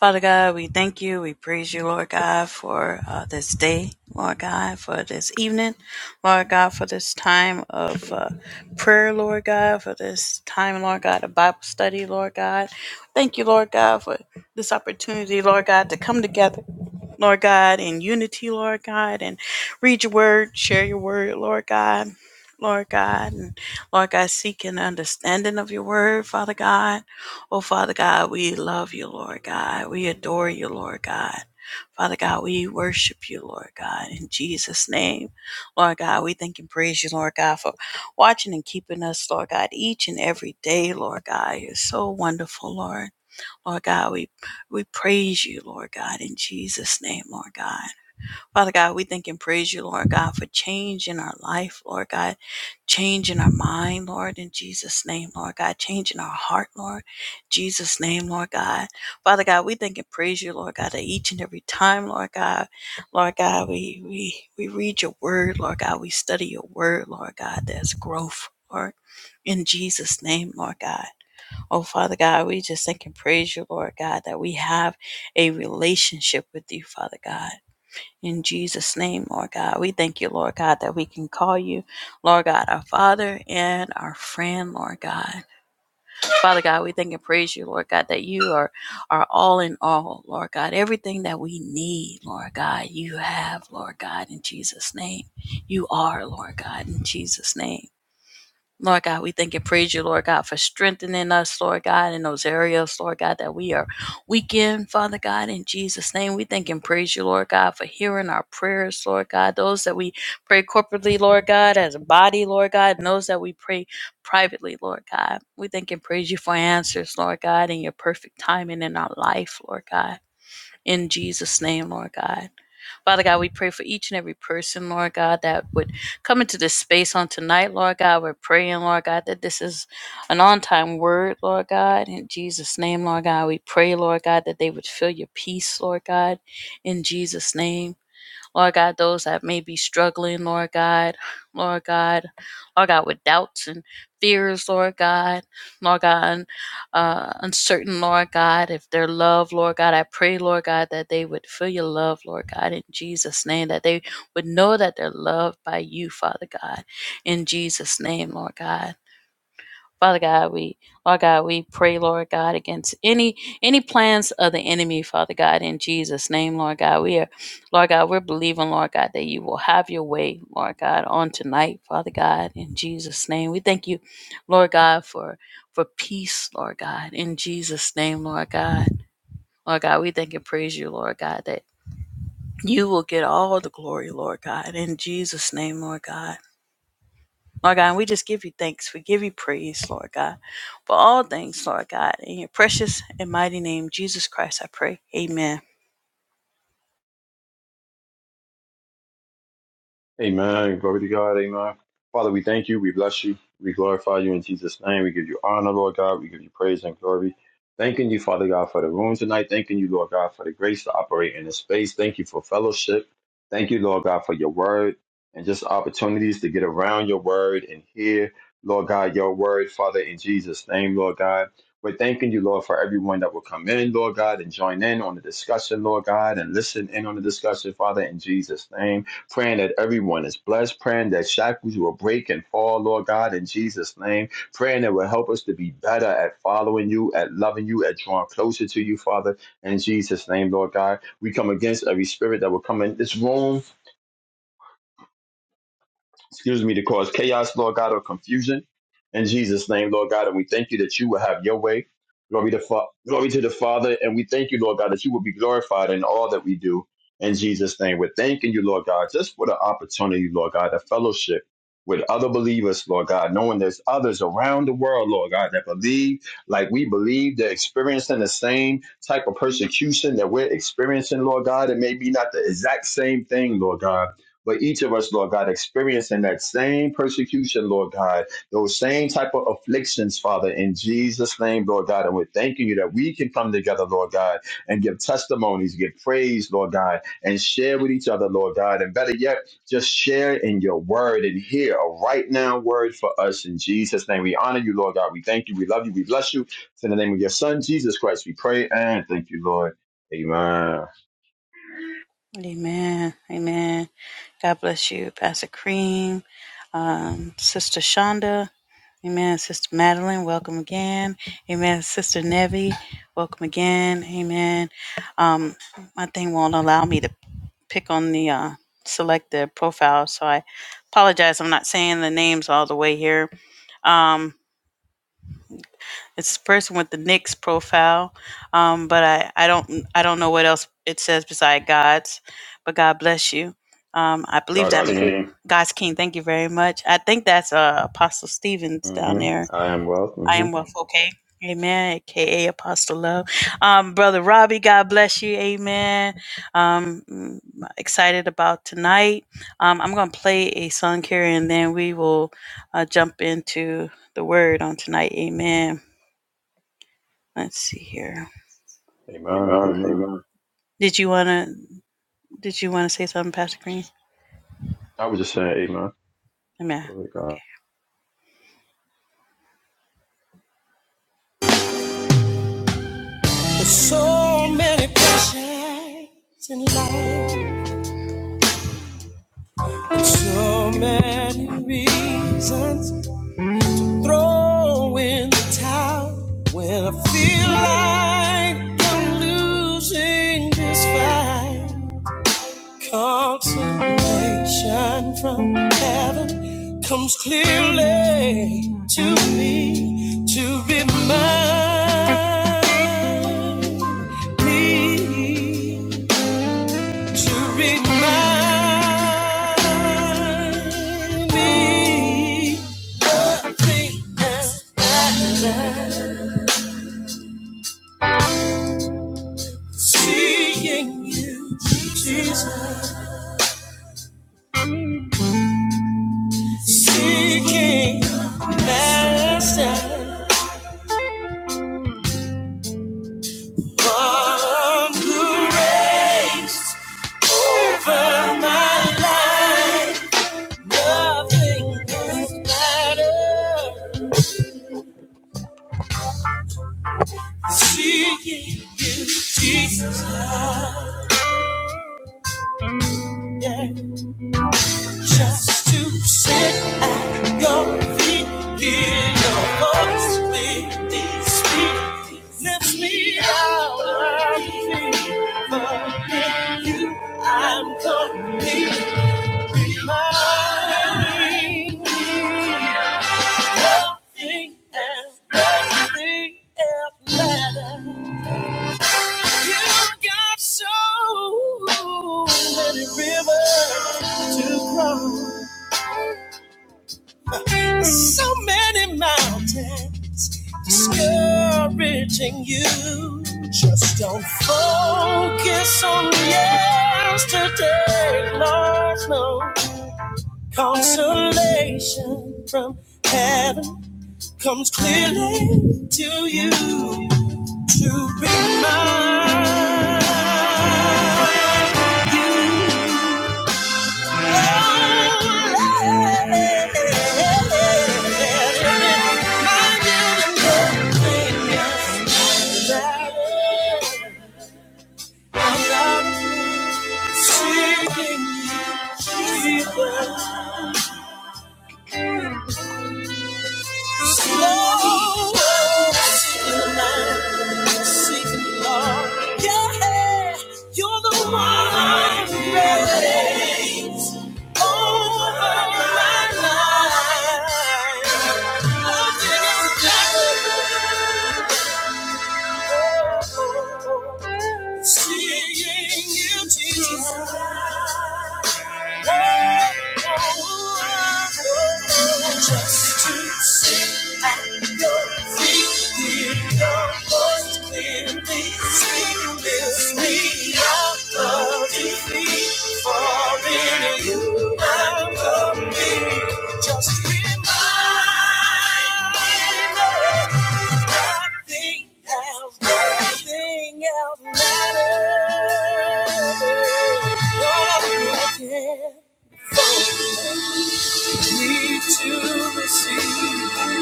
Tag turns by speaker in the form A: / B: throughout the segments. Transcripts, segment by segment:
A: Father God, we thank you. We praise you, Lord God, for uh, this day, Lord God, for this evening, Lord God, for this time of uh, prayer, Lord God, for this time, Lord God, of Bible study, Lord God. Thank you, Lord God, for this opportunity, Lord God, to come together. Lord God, in unity, Lord God, and read your word, share your word, Lord God, Lord God, and Lord God, seek an understanding of your word, Father God. Oh, Father God, we love you, Lord God. We adore you, Lord God. Father God, we worship you, Lord God, in Jesus' name. Lord God, we thank and praise you, Lord God, for watching and keeping us, Lord God, each and every day, Lord God. You're so wonderful, Lord. Lord God, we, we praise you, Lord God, in Jesus' name, Lord God. Father God, we thank and praise you, Lord God, for change in our life, Lord God, change in our mind, Lord, in Jesus' name, Lord God, change in our heart, Lord, Jesus' name, Lord God. Father God, we thank and praise you, Lord God, that each and every time, Lord God, Lord God, we we we read your word, Lord God, we study your word, Lord God, there's growth, Lord. In Jesus' name, Lord God. Oh, Father God, we just thank and praise you, Lord God, that we have a relationship with you, Father God. In Jesus' name, Lord God, we thank you, Lord God, that we can call you, Lord God, our Father and our friend, Lord God. Father God, we thank and praise you, Lord God, that you are, are all in all, Lord God. Everything that we need, Lord God, you have, Lord God, in Jesus' name. You are, Lord God, in Jesus' name. Lord God, we thank and praise you, Lord God, for strengthening us, Lord God, in those areas, Lord God, that we are weak in, Father God, in Jesus' name. We thank and praise you, Lord God, for hearing our prayers, Lord God, those that we pray corporately, Lord God, as a body, Lord God, and those that we pray privately, Lord God. We thank and praise you for answers, Lord God, and your perfect timing in our life, Lord God. In Jesus' name, Lord God. Father God, we pray for each and every person, Lord God, that would come into this space on tonight, Lord God. We're praying, Lord God, that this is an on time word, Lord God. In Jesus' name, Lord God, we pray, Lord God, that they would feel your peace, Lord God, in Jesus' name. Lord God, those that may be struggling, Lord God, Lord God, Lord God, with doubts and fears, Lord God, Lord God, uh, uncertain, Lord God, if they're loved, Lord God, I pray, Lord God, that they would feel your love, Lord God, in Jesus' name, that they would know that they're loved by you, Father God, in Jesus' name, Lord God. Father God, we Lord God, we pray, Lord God, against any any plans of the enemy, Father God, in Jesus' name, Lord God. We are Lord God, we're believing, Lord God, that you will have your way, Lord God, on tonight, Father God, in Jesus' name. We thank you, Lord God, for for peace, Lord God, in Jesus' name, Lord God. Lord God, we thank and praise you, Lord God, that you will get all the glory, Lord God, in Jesus' name, Lord God. Lord God, and we just give you thanks. We give you praise, Lord God, for all things, Lord God. In your precious and mighty name, Jesus Christ, I pray. Amen.
B: Amen. Glory to God. Amen. Father, we thank you. We bless you. We glorify you in Jesus' name. We give you honor, Lord God. We give you praise and glory. Thanking you, Father God, for the room tonight. Thanking you, Lord God, for the grace to operate in this space. Thank you for fellowship. Thank you, Lord God, for your word and just opportunities to get around your word and hear, Lord God, your word, Father, in Jesus' name, Lord God. We're thanking you, Lord, for everyone that will come in, Lord God, and join in on the discussion, Lord God, and listen in on the discussion, Father, in Jesus' name praying that everyone is blessed, praying that shackles will break and fall, Lord God, in Jesus' name, praying that will help us to be better at following you, at loving you, at drawing closer to you, Father, in Jesus' name, Lord God. We come against every spirit that will come in this room excuse me, to cause chaos, Lord God, or confusion. In Jesus' name, Lord God, and we thank you that you will have your way. Glory to, fa- glory to the Father, and we thank you, Lord God, that you will be glorified in all that we do. In Jesus' name, we're thanking you, Lord God, just for the opportunity, Lord God, to fellowship with other believers, Lord God, knowing there's others around the world, Lord God, that believe like we believe, they're experiencing the same type of persecution that we're experiencing, Lord God. It may be not the exact same thing, Lord God but each of us, Lord God, experiencing that same persecution, Lord God, those same type of afflictions, Father, in Jesus' name, Lord God. And we're thanking you that we can come together, Lord God, and give testimonies, give praise, Lord God, and share with each other, Lord God. And better yet, just share in your word and hear a right now word for us in Jesus' name. We honor you, Lord God. We thank you. We love you. We bless you. It's in the name of your Son, Jesus Christ, we pray and thank you, Lord. Amen.
A: Amen. Amen. God bless you, Pastor Cream, um, Sister Shonda. Amen. Sister Madeline, welcome again. Amen. Sister Nevi, welcome again. Amen. Um, my thing won't allow me to pick on the uh, select the profile, so I apologize. I'm not saying the names all the way here. Um, it's the person with the Knicks profile, um, but I, I don't I don't know what else it says beside God's. But God bless you. Um, I believe
B: God's
A: that God's
B: King.
A: King. God's King. Thank you very much. I think that's uh, Apostle Stevens down
B: hmm
A: there.
B: I am wealth.
A: I
B: hmm
A: am well, okay. Amen. AKA Apostle Love. Um, Brother Robbie, God bless you. Amen. Um, mm, excited about tonight. Um, I'm going to play a song here and then we will uh, jump into the word on tonight. Amen. Let's see here.
B: Amen.
A: Amen.
B: Amen.
A: Amen. Did you wanna? Did you wanna say something, Pastor Green?
B: I was just saying amen.
A: Amen.
B: Glory to God. All
A: Okay. There's so many pressures in life, so many reasons throw in the towel when I feel like I'm losing this fight. Consolation from heaven comes clearly to me to remind me to remind me the thing I love Seeing you, Jesus, seeking Master. One who reigns over my life. Nothing else matters. Seeking you, Jesus. Yeah. Just to sit at your feet, hear your voice clearly speak. Lift me out of me. Forget you, I'm complete. you got so many rivers to cross, so many mountains discouraging you. Just don't focus on yesterday, Lord, no. Consolation from heaven comes clearly to you to be mine. You are My i Seeking you, Jesus, slow, slow, Sing, Lord. Yeah, you're the one that reigns over my life. Oh, Seeing you, Jesus. Oh, oh, oh, Just to sit at your feet, hear your voice clearly, sing with me. I love you, for in you I'm complete. Just remind me. Lord, Nothing else, nothing else matters. All I can me to receive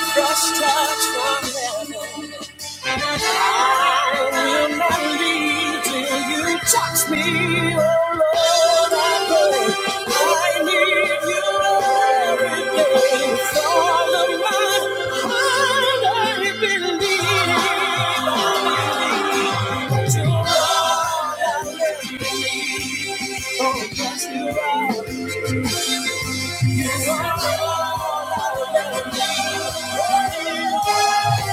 A: fresh touch from heaven. I will not leave till you touch me, oh Lord. I pray. I need you every day. It's all of my heart, I believe. I believe to Lord, I believe. Oh, yes, you are. You are all I will ever need. You're all I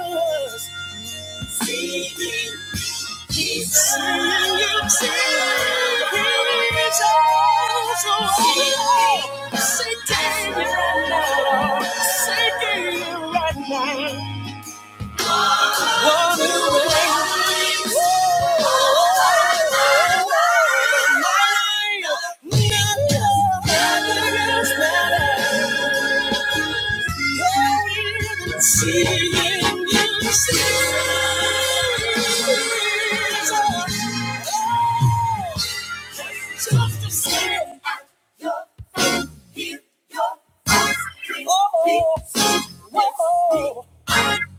A: will need. Yes. Say, David, right now. Say, David, right now. What a way. Woo! Mine. Nothing else matters. Than Seeing you Jesus. Just to see your face, hear your voice, oh, oh,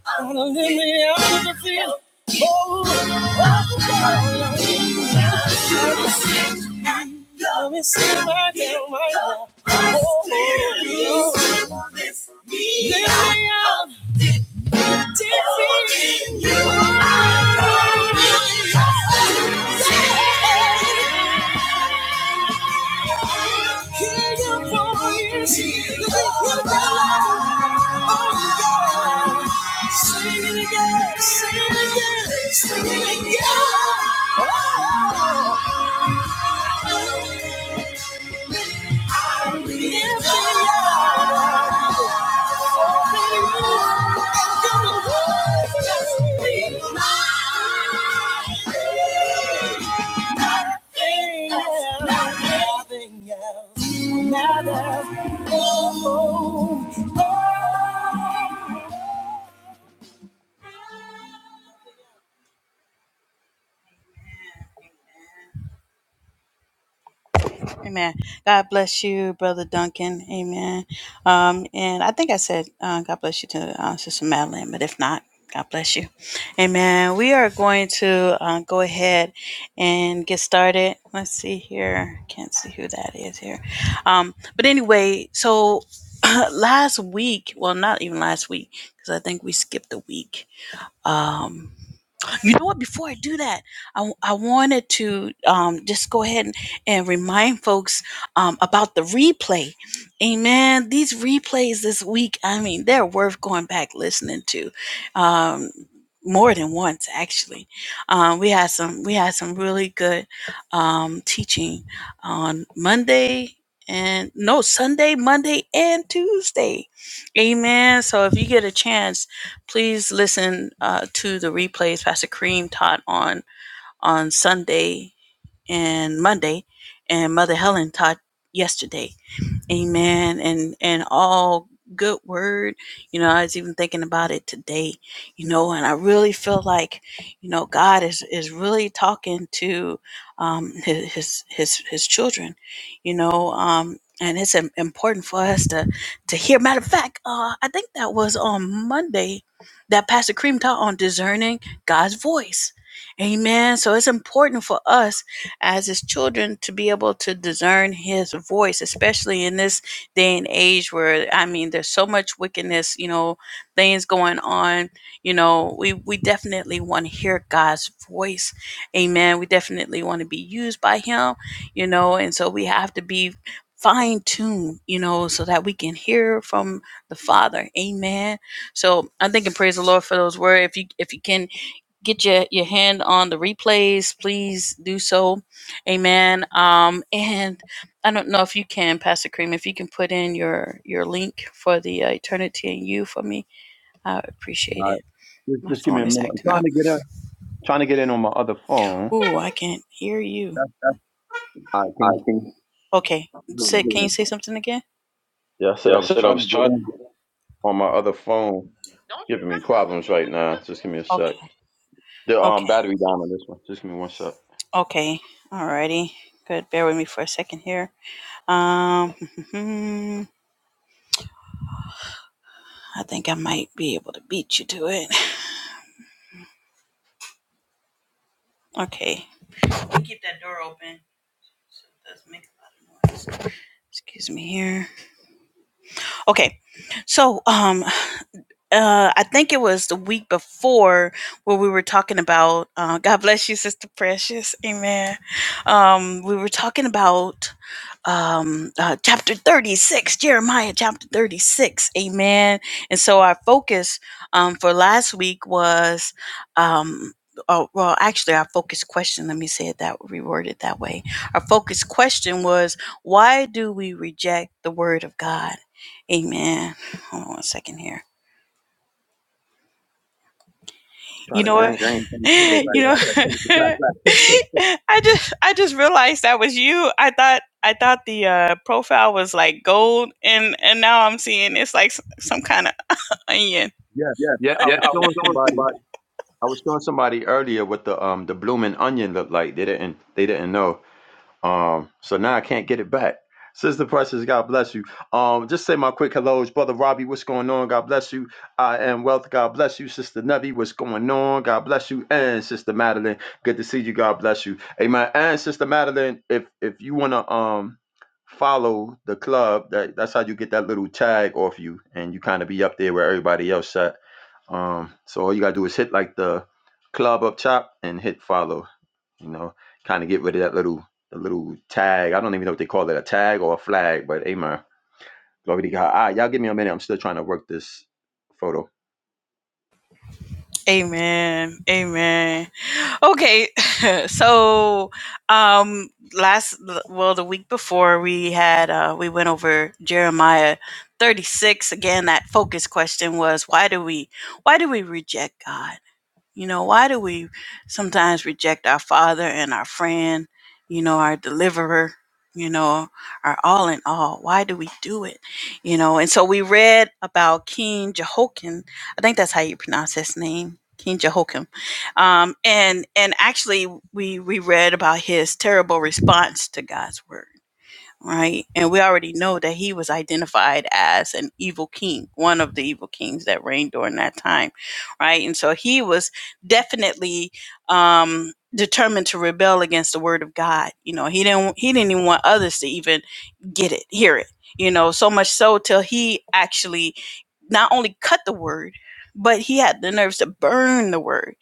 A: I'm gonna live me out of the field. Oh, let me see my damn right now. Oh, oh, oh. Live me out. Sing it again. Oh. Amen. Amen. God bless you, Brother Duncan. Amen. Um, and I think I said, uh, God bless you to uh, Sister Madeline, but if not, God bless you. Amen. We are going to uh, go ahead and get started. Let's see here. Can't see who that is here. Um, but anyway, so last week, well, not even last week, because I think we skipped a week. Um, you know what? Before I do that, I I wanted to um, just go ahead and, and remind folks um, about the replay. Amen. These replays this week, I mean, they're worth going back listening to. Um, more than once, actually, um, we had some we had some really good um, teaching on Monday and no Sunday, Monday and Tuesday. Amen. So if you get a chance, Please listen uh, to the replays Pastor Kareem taught on on Sunday and Monday, and Mother Helen taught yesterday. Amen. And and all good word. You know, I was even thinking about it today, you know, and I really feel like, you know, God is is really talking to um his his his, his children, you know, um and it's im- important for us to to hear. Matter of fact, uh, I think that was on Monday that Pastor Cream taught on discerning God's voice. Amen. So it's important for us as his children to be able to discern his voice, especially in this day and age where I mean there's so much wickedness, you know, things going on. You know, we, we definitely want to hear God's voice. Amen. We definitely want to be used by him, you know, and so we have to be fine tuned, you know, so that we can hear from the Father. Amen. So I'm thinking praise the Lord for those words. If you if you can get your, your hand on the replays, please do so. Amen. Um, and I don't know if you can, Pastor Cream, if you can put in your, your link for the uh, Eternity and You for me, I would appreciate it.
B: right. Just,
A: My
B: just give me a
A: phone is
B: minute. I'm
A: acting
B: trying
A: up.
B: to get in. Trying to get in on my other phone.
A: Ooh, I can't hear you.
B: I can
A: I can. Okay. Say,
B: you?
A: can you say something again?
B: Yeah, I said
A: Yeah,
B: I
A: I
B: was
A: said I
B: trying to
A: was
B: get
A: trying.
B: in on my other phone. Giving me problems right now. Just give me a sec.
A: Okay.
B: The um
A: Okay.
B: battery down on this one. Just give me one sec.
A: Okay. Alrighty. Good. Bear with me for a second here. Um, I think I might be able to beat you to it. Okay. You keep that door open so it doesn't make a lot of noise. Excuse me here. Okay. So, um, uh I think it was the week before where we were talking about uh God bless you sister precious amen um we were talking about um uh, chapter 36 Jeremiah chapter 36 amen and so our focus um for last week was um Oh, well, actually, our focus question, let me say it that, reword it that way. Our focus question was, why do we reject the word of God? Amen. Hold on one second here
C: trying
A: You
C: to
A: know what?
C: drink
A: drink.
C: things and photos like I
A: You
C: took
A: know, I
C: something back.
A: I just I just realized that was you. I thought I thought the uh, profile was like gold, and and now I'm seeing it's like s- some kind of onion.
C: Yeah.
A: Yeah,
C: Yeah, I
A: yeah.
C: was
A: I was
C: showing
A: showing
C: somebody
A: somebody.
C: I was showing somebody earlier what the um the blooming onion looked like. They didn't they didn't know. Um, so now I can't get it back. Sister Precious, God bless you. Um, just say my quick hellos, brother Robbie. What's going on? God bless you. I am wealth. God bless you, Sister Nevi. What's going on? God bless you, and Sister Madeline. Good to see you. God bless you. Amen. And Sister Madeline, if if you wanna um follow the club, that that's how you get that little tag off you, and you kind of be up there where everybody else at. Um, so all you gotta do is hit like the club up top and hit follow. You know, kind of get rid of that little a little tag. I don't even know what they call it, a tag or a flag, but amen. Glory to God. All right, y'all give me a minute. I'm still trying to work this photo.
A: Amen. Amen. Okay. so, um last well the week before we had uh we went over Jeremiah 36 again that focus question was why do we why do we reject God? You know, why do we sometimes reject our father and our friend, you know, our deliverer, you know, our all in all? Why do we do it? You know, and so we read about King Jehoiakim. I think that's how you pronounce his name. King Jehoiakim, um, and and actually we we read about his terrible response to God's word right? And we already know that he was identified as an evil king, one of the evil kings that reigned during that time, right? And so he was definitely um, determined to rebel against the word of God. You know, he didn't he didn't even want others to even get it, hear it. You know, so much so till he actually not only cut the word, but he had the nerves to burn the word.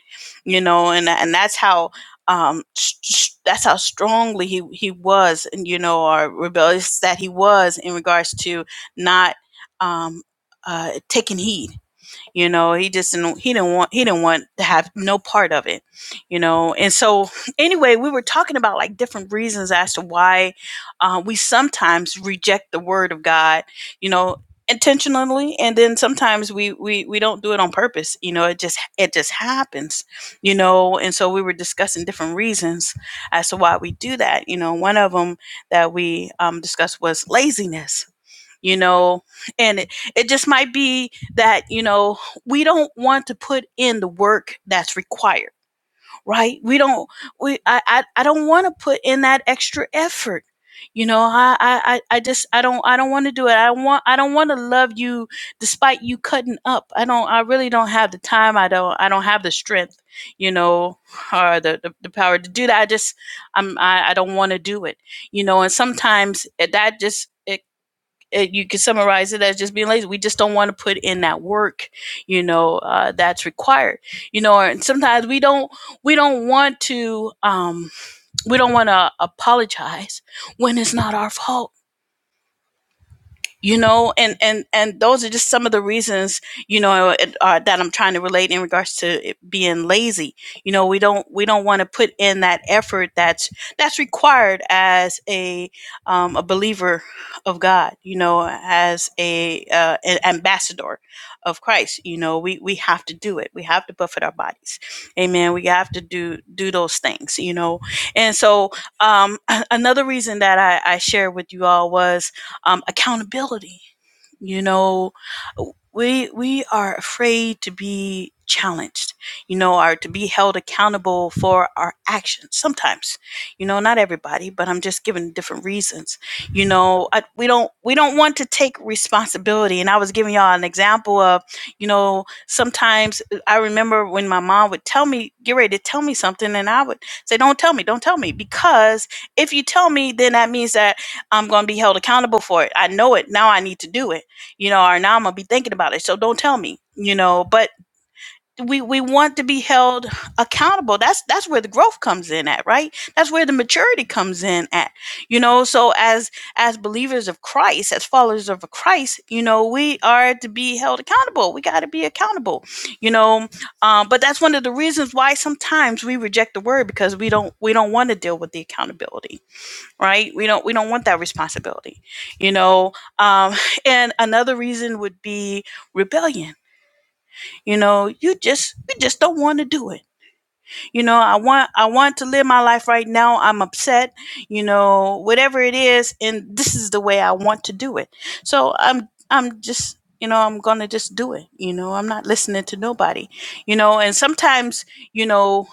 A: You know, and and that's how um sh- sh- that's how strongly he he was and you know or rebellious that he was in regards to not um uh taking heed you know he just didn't he didn't want he didn't want to have no part of it you know and so anyway we were talking about like different reasons as to why uh, we sometimes reject the word of god you know intentionally and then sometimes we, we we don't do it on purpose you know it just it just happens you know and so we were discussing different reasons as to why we do that you know one of them that we um, discussed was laziness you know and it, it just might be that you know we don't want to put in the work that's required right we don't we i i, I don't want to put in that extra effort you know i i i I just i don't i don't want to do it i want i don't want to love you despite you cutting up i don't i really don't have the time i don't i don't have the strength you know or the the, the power to do that i just i'm i, I don't want to do it you know and sometimes eh, that just it it, you could summarize it as just being lazy. We just don't want to put in that work, you know, uh, that's required, you know. And sometimes we don't we don't want to um, we don't want to apologize when it's not our fault you know and and and those are just some of the reasons you know it- uh, that i'm trying to relate in regards to it being lazy you know we don't we don't want to put in that effort that's that's required as a um, a believer of god you know as a uh, an ambassador of christ you know we we have to do it we have to buffet our bodies amen we have to do do those things you know and so um another reason that i i shared with you all was um, accountability. You know, we we are afraid to be challenged. You know, or to be held accountable for our actions. Sometimes, you know, not everybody, but I'm just giving different reasons. You know, I, we don't we don't want to take responsibility. And I was giving y'all an example of, you know, sometimes uh, I remember when my mom would tell me, "Get ready to tell me something," and I would say, "Don't tell me, don't tell me," because if you tell me, then that means that I'm going to be held accountable for it. I know it. Now I need to do it, you know, or now I'm going to be thinking about it. So don't tell me, you know, but we, we want to be held accountable. That's, that's where the growth comes in at, right? That's where the maturity comes in at, you know? So as, as believers of Christ, as followers of Christ, you know, we are to be held accountable. We got to be accountable, you know? Um, but that's one of the reasons why sometimes we reject the word because we don't, we don't want to deal with the accountability right we don't we don't want that responsibility you know um and another reason would be rebellion you know you just you just don't want to do it you know i want i want to live my life right now i'm upset you know whatever it is and this is the way i want to do it so i'm i'm just you know i'm gonna just do it you know i'm not listening to nobody you know and sometimes you know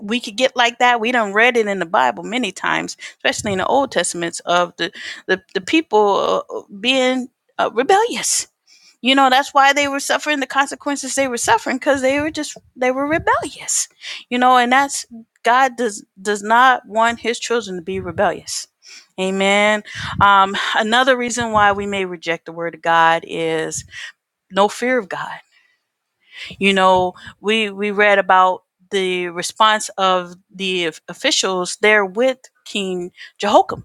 A: we could get like that we done read it in the bible many times especially in the old testaments of the the, the people uh, being uh, rebellious you know, that's why they were suffering the consequences they were suffering because they were just they were rebellious. You know, and that's God does does not want his children to be rebellious. Amen. Um, another reason why we may reject the word of God is no fear of God. You know, we we read about the response of the officials there with King Jehoiakim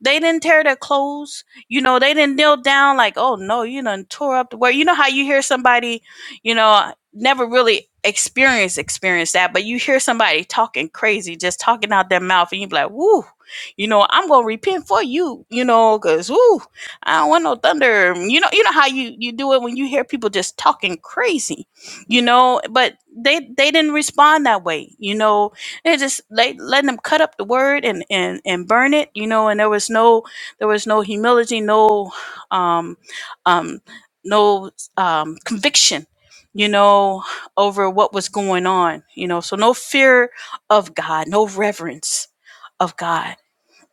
A: they didn't tear their clothes. You know, they didn't kneel down like, oh no, you done tore up the word. You know how you hear somebody, you know, never really experience experience that, but you hear somebody talking crazy, just talking out their mouth, and you be like, woo, you know, I'm gonna repent for you, you know, cause woo, I don't want no thunder. You know, you know how you you do it when you hear people just talking crazy, you know, but they they didn't respond that way, you know they just like letting them cut up the word and, and, and burn it, you know, and there was no there was no humility, no um um no um conviction, you know, over what was going on, you know. So no fear of God, no reverence of God.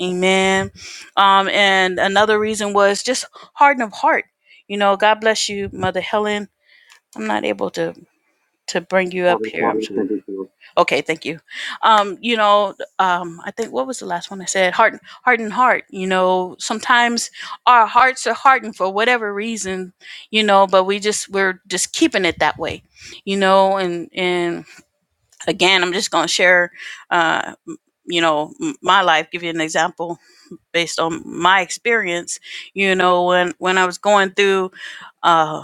A: Amen. Um and another reason was just harden of heart. You know, God bless you, Mother Helen. I'm not able to to bring you up
C: Already
A: here.
C: sent
A: I'm
C: it
A: Father,
C: to us.
A: Okay, thank you. Um, you know, um, I think what was the last one I said? Heart, heart, and heart. You know, sometimes our hearts are hardened for whatever reason. You know, but we just we're just keeping it that way. You know, and and again, I'm just gonna share. Uh, m- you know, m- my life. Give you an example based on my experience you know when when i was going through uh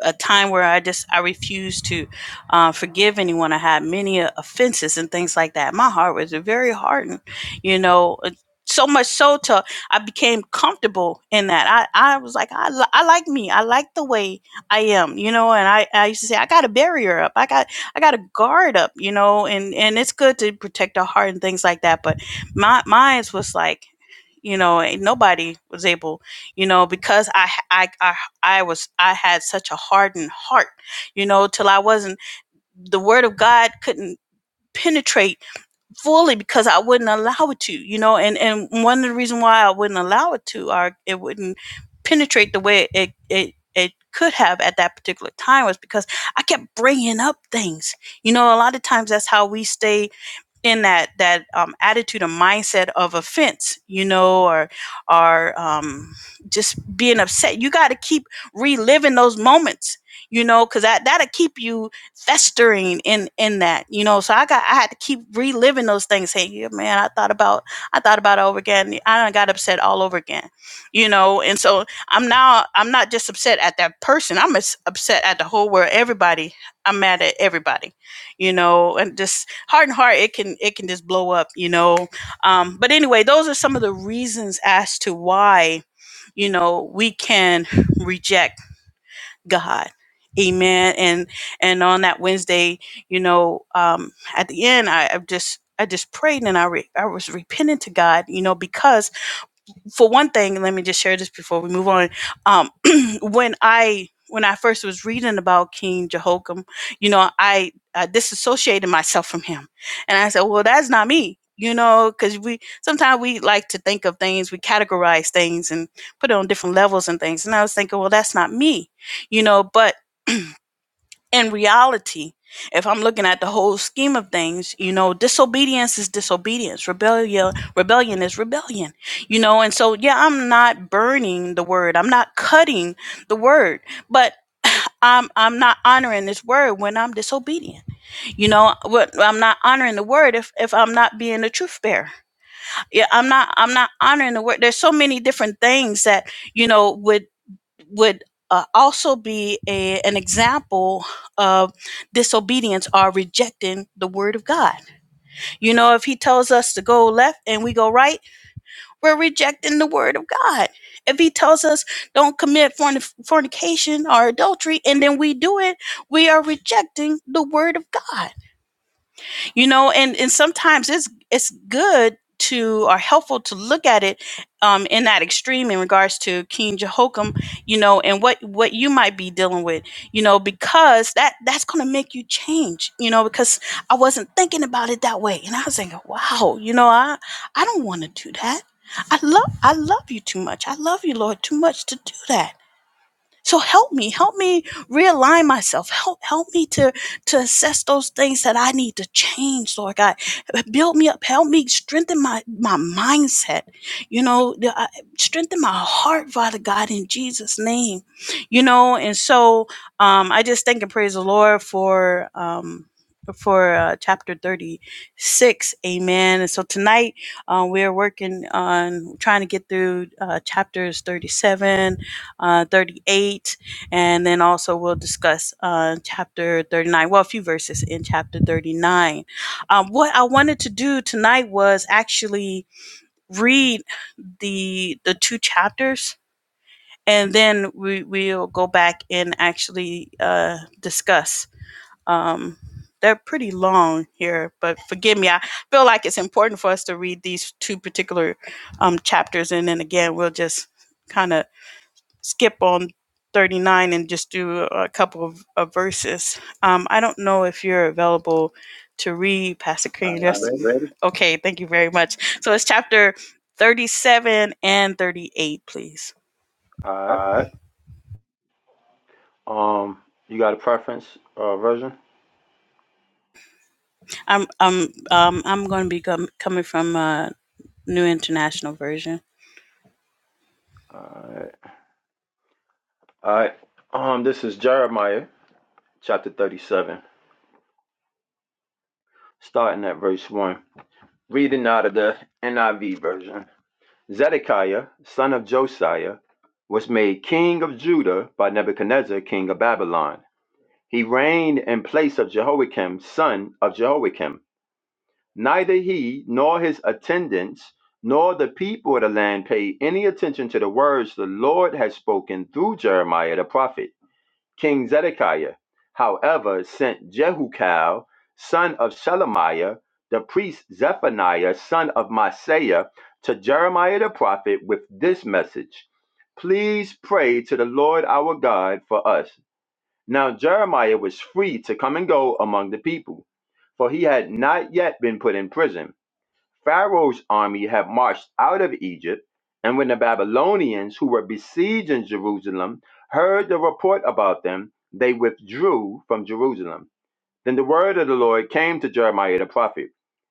A: a time where I just I refused to uh, forgive anyone. I had many uh, offenses and things like that. My heart was very hardened, you know, uh, so much so to I became comfortable in that. I I was like I li- I like me. I like the way I am, you know. And I I used to say I got a barrier up. I got I got a guard up, you know. And and it's good to protect our heart and things like that. But my mine was like you know and nobody was able you know because I, I i i was i had such a hardened heart you know till i wasn't the word of god couldn't penetrate fully because i wouldn't allow it to you know and and one of the reasons why i wouldn't allow it to or it wouldn't penetrate the way it it it could have at that particular time was because I kept bringing up things. You know, a lot of times that's how we stay in that that um, attitude and mindset of offense, you know, or or um, just being upset. You got to keep reliving those moments, you know, because that that'll keep you festering in in that, you know. So I got I had to keep reliving those things. Saying, yeah, man, I thought about I thought about it over again. I done got upset all over again, you know. And so I'm now I'm not just upset at that person. I'm as upset at the whole world. Everybody, I'm mad at everybody you know and just heart and heart it can it can just blow up you know um, but anyway those are some of the reasons as to why you know we can reject god amen and and on that wednesday you know um, at the end i i just i just prayed and i re- i was repenting to god you know because for one thing, let me just share this before we move on. Um, when I when I first was reading about King Jehoiakim, you know, I, I disassociated myself from him, and I said, "Well, that's not me," you know, because we sometimes we like to think of things, we categorize things and put it on different levels and things. And I was thinking, "Well, that's not me," you know, but in reality, if I'm looking at the whole scheme of things, you know, disobedience is disobedience. Rebellion, rebellion is rebellion. You know, and so yeah, I'm not burning the word. I'm not cutting the word, but I'm I'm not honoring this word when I'm disobedient. You know, what I'm not honoring the word if if I'm not being a truth bearer. Yeah, I'm not I'm not honoring the word. There's so many different things that you know would would uh, also be a, an example of disobedience or rejecting the word of God. You know, if he tells us to go left and we go right, we're rejecting the word of God. If he tells us don't commit fornic- fornication or adultery and then we do it, we are rejecting the word of God you know and and sometimes it's it's good to or helpful to look at it um, in that extreme in regards to King Jehoiakim, you know, and what what you might be dealing with, you know, because that that's going to make you change, you know, because I wasn't thinking about it that way, and I was thinking, wow, you know, I I don't want to do that. I love I love you too much. I love you, Lord, too much to do that so help me, help me realign myself. Help, help me to, to assess those things that I need to change, Lord God. Build me up, help me strengthen my, my mindset, you know, the- I- strengthen my heart, Father God, in Jesus' name, you know. And so, um, I just thank and praise the Lord for, um, for uh, chapter 36 amen and so tonight uh, we're working on trying to get through uh, chapters 37 uh, 38, and then also we'll discuss uh, chapter 39, well, a few verses in chapter 39. Um, what I wanted to do tonight was actually read the the two chapters, and then we, we'll go back and actually uh, discuss. Um, they're pretty long here, but forgive me. I feel like it's important for us to read these two particular um, chapters, and then again, we'll just kind of skip on 39 and just do a couple of, of verses. Um, I don't know if you're available to read, Pastor
C: All
A: Cream. I
C: right, you ready?
A: okay. Thank you very much. So it's chapter 37 and 38, please.
C: All
A: All
C: right.
A: right.
C: Um, you got a preference uh, version?
A: I'm I'm um, I'm going to be com- coming from a New International Version.
C: All right. All right. Um, this is Jeremiah chapter 37, starting at verse 1. Reading out of the NIV version. Zedekiah, son of Josiah, was made king of Judah by Nebuchadnezzar, king of Babylon. He reigned in place of Jehoiakim, son of Jehoiakim. Neither he nor his attendants nor the people of the land paid any attention to the words the Lord had spoken through Jeremiah the prophet. King Zedekiah, however, sent Jehukal, son of Shelemiah, the priest Zephaniah, son of Maaseiah, to Jeremiah the prophet with this message Please pray to the Lord our God for us now Jeremiah was free to come and go among the people, for he had not yet been put in prison. Pharaoh's army had marched out of Egypt, and when the Babylonians who were besieging Jerusalem heard the report about them, they withdrew from Jerusalem. Then the word of the Lord came to Jeremiah the prophet.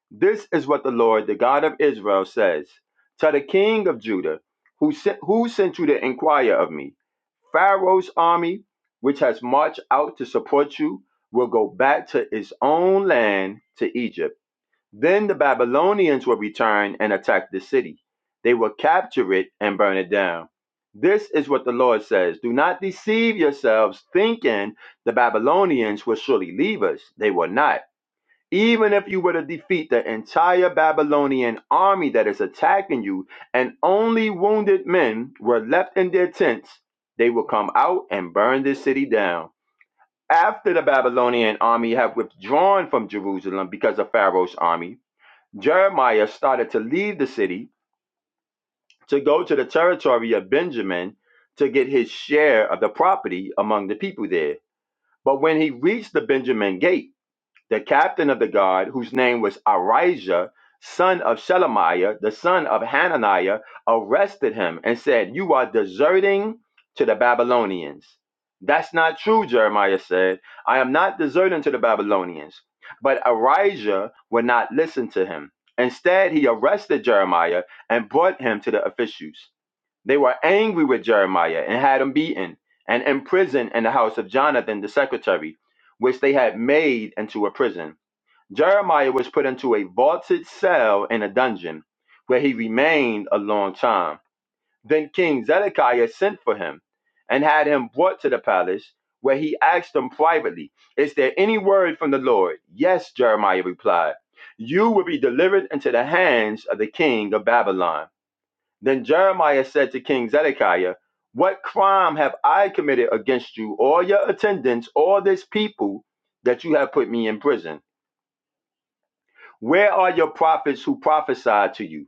C: This is what the Lord, the God of Israel, says to the king of Judah, who sent, who sent you to inquire of me? Pharaoh's army, which has marched out to support you, will go back to its own land to Egypt. Then the Babylonians will return and attack the city. They will capture it and burn it down. This is what the Lord says Do not deceive yourselves, thinking the Babylonians will surely leave us. They will not even if you were to defeat the entire Babylonian army that is attacking you, and only wounded men were left in their tents, they will come out and burn this city down. After the Babylonian army have withdrawn from Jerusalem because of Pharaoh's army, Jeremiah started to leave the city to go to the territory of Benjamin to get his share of the property among the people there. But when he reached the Benjamin gate, the captain of the guard, whose name was Arijah, son of Shelemiah, the son of Hananiah, arrested him and said, You are deserting to the Babylonians. That's not true, Jeremiah said. I am not deserting to the Babylonians. But Arijah would not listen to him. Instead, he arrested Jeremiah and brought him to the officials. They were angry with Jeremiah and had him beaten and imprisoned in the house of Jonathan the secretary, which they had made into a prison. Jeremiah was put into a vaulted cell in a dungeon, where he remained a long time. Then King Zedekiah sent for him and had him brought to the palace, where he asked him privately, Is there any word from the Lord? Yes, Jeremiah replied, You will be delivered into the hands of the king of Babylon then Jeremiah said to King Zedekiah, What crime have I committed against you, all your attendants, all this people, that you have put me in prison? Where are your prophets who prophesied to you?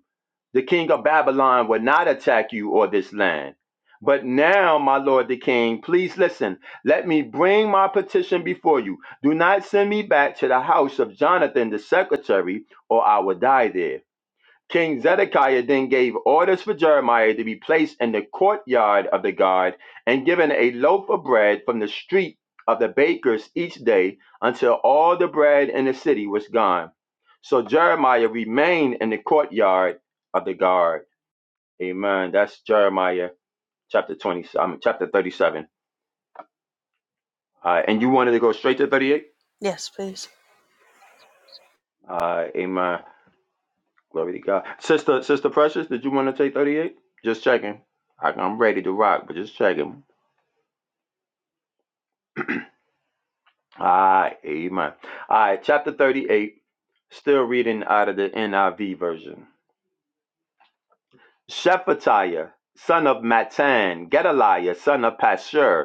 C: The king of Babylon will not attack you or this land. But now, my lord the king, please listen. Let me bring my petition before you. Do not send me back to the house of Jonathan the secretary, or I will die there. King Zedekiah then gave orders for Jeremiah to be placed in the courtyard of the guard and given a loaf of bread from the street of the bakers each day until all the bread in the city was gone. So Jeremiah remained in the courtyard of the guard. Amen. That's Jeremiah chapter 20, I mean, chapter 37. Uh, and you wanted to go straight to 38?
A: Yes, please.
C: Uh, amen. Glory to God. Sister, Sister Precious, did you want to take 38? Just checking. I- I'm ready to rock, but just checking. Ah, amen. All right, chapter 38, still reading out of the NIV version. Shephatiah, son of Matan, Gedaliah, son of Pashur,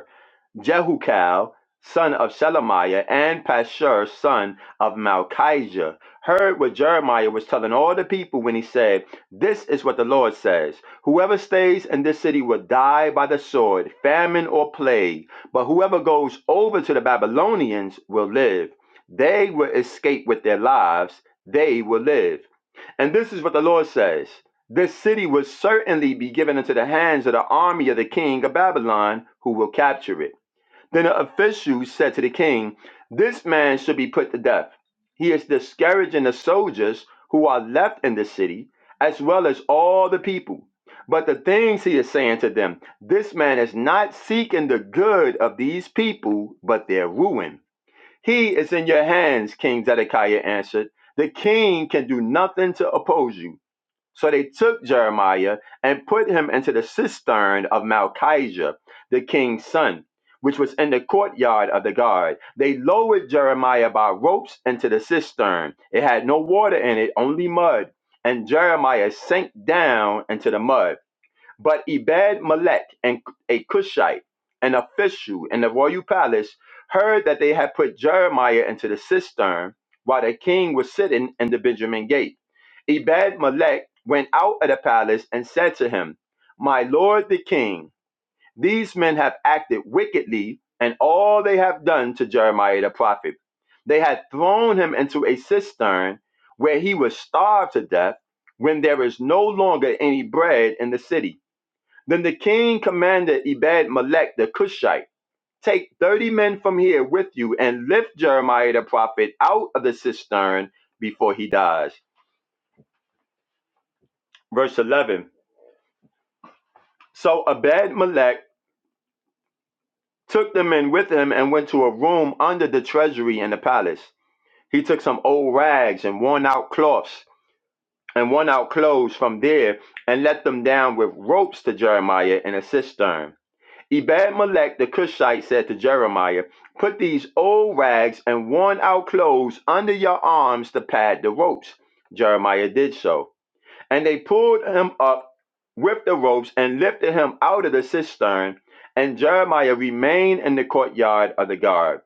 C: Jehukal, son of Shelemiah, and Pashur, son of Malchijah, heard what Jeremiah was telling all the people when he said, This is what the Lord says Whoever stays in this city will die by the sword, famine, or plague, but whoever goes over to the Babylonians will live. They will escape with their lives, they will live. And this is what the Lord says. This city will certainly be given into the hands of the army of the king of Babylon, who will capture it. Then the official said to the king, This man should be put to death. He is discouraging the soldiers who are left in the city, as well as all the people. But the things he is saying to them, this man is not seeking the good of these people, but their ruin. He is in your hands, King Zedekiah answered. The king can do nothing to oppose you. So they took Jeremiah and put him into the cistern of Malchijah, the king's son, which was in the courtyard of the guard. They lowered Jeremiah by ropes into the cistern. It had no water in it, only mud. And Jeremiah sank down into the mud. But Ebed Melech and a Cushite, an official in the royal palace, heard that they had put Jeremiah into the cistern while the king was sitting in the Benjamin gate. Ebed Melech went out of the palace and said to him, My lord the king, these men have acted wickedly, and all they have done to Jeremiah the prophet. They had thrown him into a cistern where he was starved to death when there is no longer any bread in the city. Then the king commanded Ebed Melech the Cushite, Take thirty men from here with you and lift Jeremiah the prophet out of the cistern before he dies. Verse 11. So Abed Melech took the men with him and went to a room under the treasury in the palace. He took some old rags and worn out cloths and worn out clothes from there and let them down with ropes to Jeremiah in a cistern. Ebed Melech the Cushite said to Jeremiah, Put these old rags and worn out clothes under your arms to pad the ropes. Jeremiah did so. And they pulled him up with the ropes and lifted him out of the cistern, and Jeremiah remained in the courtyard of the guard.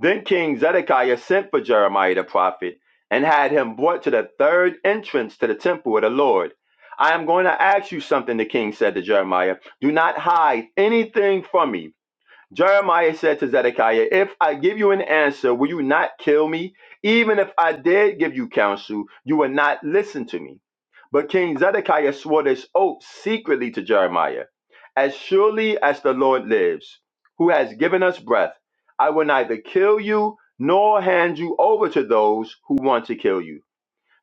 C: Then King Zedekiah sent for Jeremiah the prophet and had him brought to the third entrance to the temple of the Lord. I am going to ask you something, the king said to Jeremiah. Do not hide anything from me. Jeremiah said to Zedekiah, If I give you an answer, will you not kill me? Even if I did give you counsel, you would not listen to me. But King Zedekiah swore this oath secretly to Jeremiah As surely as the Lord lives, who has given us breath, I will neither kill you nor hand you over to those who want to kill you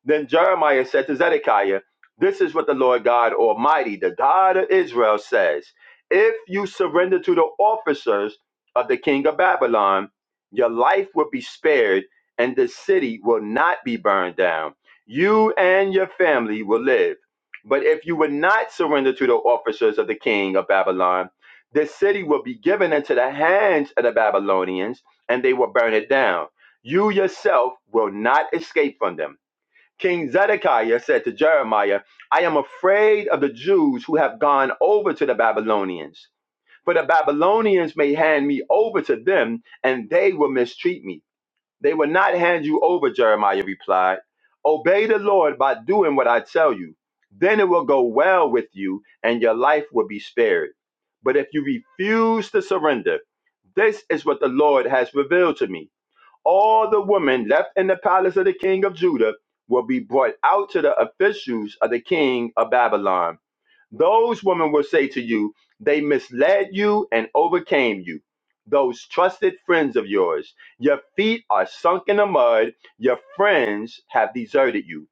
C: then Jeremiah said to Zedekiah, This is what the Lord God Almighty, the God of Israel, says If you surrender to the officers of the king of Babylon, your life will be spared, and the city will not be burned down. You and your family will live. But if you would not surrender to the officers of the king of Babylon, the city will be given into the hands of the Babylonians, and they will burn it down. You yourself will not escape from them. King Zedekiah said to Jeremiah, I am afraid of the Jews who have gone over to the Babylonians, for the Babylonians may hand me over to them, and they will mistreat me. They will not hand you over, Jeremiah replied. Obey the Lord by doing what I tell you. Then it will go well with you, and your life will be spared. But if you refuse to surrender, this is what the Lord has revealed to me all the women left in the palace of the king of Judah will be brought out to the officials of the king of Babylon. Those women will say to you, They misled you and overcame you. Those trusted friends of yours, your feet are sunk in the mud, your friends have deserted you.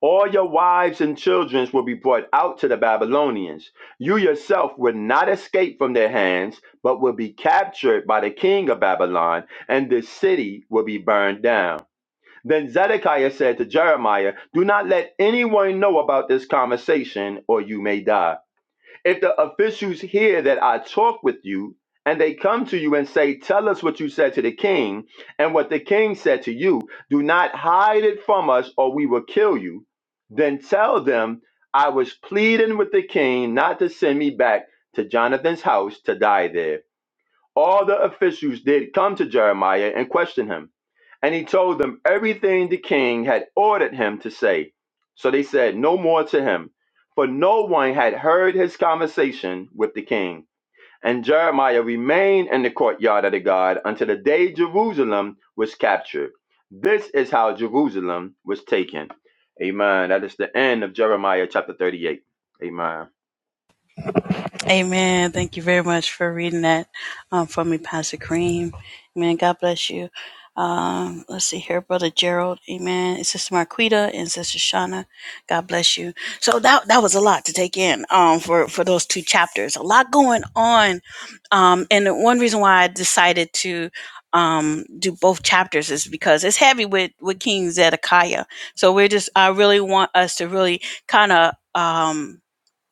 C: All your wives and children will be brought out to the Babylonians. You yourself will not escape from their hands, but will be captured by the king of Babylon, and the city will be burned down. Then Zedekiah said to Jeremiah, Do not let anyone know about this conversation, or you may die. If the officials hear that I talk with you, and they come to you and say, Tell us what you said to the king, and what the king said to you, do not hide it from us, or we will kill you, then tell them, I was pleading with the king not to send me back to Jonathan's house to die there. All the officials did come to Jeremiah and question him. And he told them everything the king had ordered him to say. So they said no more to him, for no one had heard his conversation with the king. And Jeremiah remained in the courtyard of the God until the day Jerusalem was captured. This is how Jerusalem was taken. Amen. That is the end of Jeremiah chapter 38. Amen.
A: Amen. Thank you very much for reading that um, for me, Pastor Cream. Amen. God bless you. Um, let's see here, Brother Gerald. Amen. And Sister Marquita and Sister Shauna. God bless you. So that that was a lot to take in um, for for those two chapters. A lot going on, um, and the one reason why I decided to um, do both chapters is because it's heavy with with King Zedekiah. So we're just I really want us to really kind of. Um,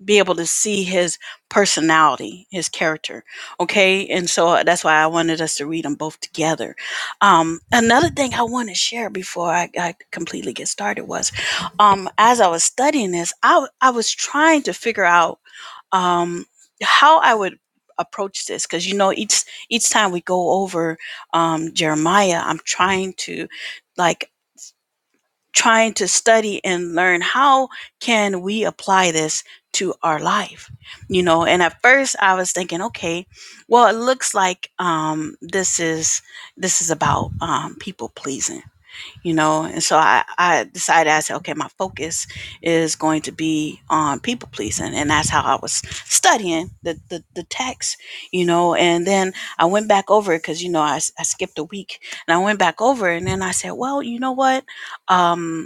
A: be able to see his personality, his character. Okay. And so uh, that's why I wanted us to read them both together. Um, another thing I want to share before I, I completely get started was um, as I was studying this, I, w- I was trying to figure out um, how I would approach this because you know each each time we go over um, Jeremiah, I'm trying to like trying to study and learn how can we apply this to our life you know and at first i was thinking okay well it looks like um this is this is about um people pleasing you know and so i i decided i said okay my focus is going to be on people pleasing and that's how i was studying the the, the text you know and then i went back over it because you know I, s- I skipped a week and i went back over it, and then i said well you know what um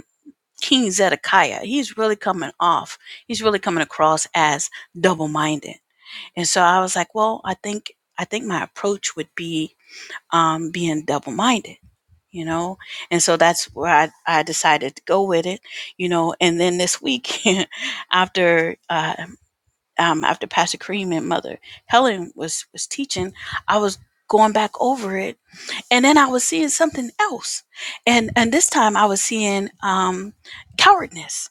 A: King Zedekiah, he's really coming off. He's really coming across as double-minded. And so I was like, well, I think I think my approach would be um, being double-minded, you know. And so that's where I, I decided to go with it, you know. And then this week, after uh, um, after Pastor Kareem and Mother Helen was was teaching, I was going back over it, and then I was seeing something else, and and this time I was seeing um, cowardness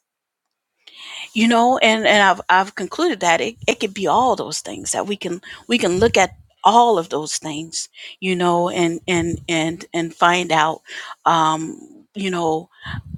A: you know and and i've i've concluded that it, it could be all those things that we can we can look at all of those things you know and and and and find out um you know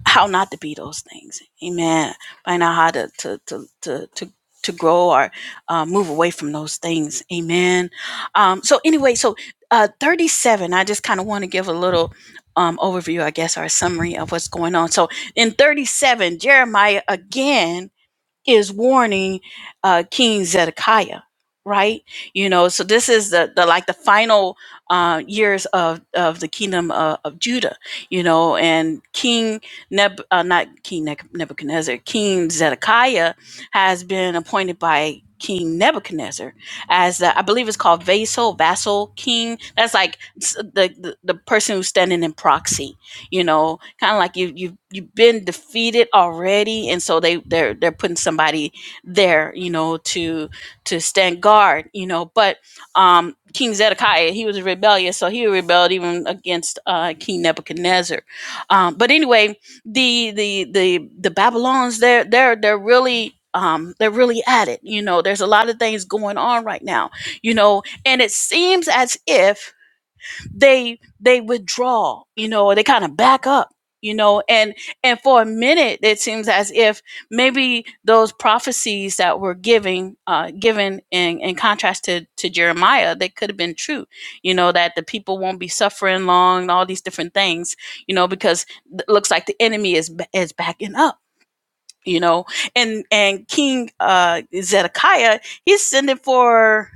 A: how not to be those things amen find out how to to to to, to to grow or uh, move away from those things amen um so anyway so uh 37 i just kind of want to give a little um overview i guess or a summary of what's going on so in 37 jeremiah again is warning uh, King Zedekiah, right? You know, so this is the, the like the final uh, years of, of the kingdom of, of Judah, you know, and King Neb, uh, not King Neb- Nebuchadnezzar, King Zedekiah has been appointed by King Nebuchadnezzar as the, I believe it's called vassal, vassal king. That's like s- the, the, the person who's standing in proxy you know kind of like you you you've been defeated already and so they they're they're putting somebody there you know to to stand guard you know but um king zedekiah he was rebellious so he rebelled even against uh king nebuchadnezzar um but anyway the the the the babylons they're they're they're really um they're really at it you know there's a lot of things going on right now you know and it seems as if they they withdraw, you know, or they kind of back up, you know, and and for a minute it seems as if maybe those prophecies that were giving uh given in, in contrast to, to Jeremiah, they could have been true, you know, that the people won't be suffering long and all these different things, you know, because it looks like the enemy is is backing up you know and and king uh zedekiah he's sending for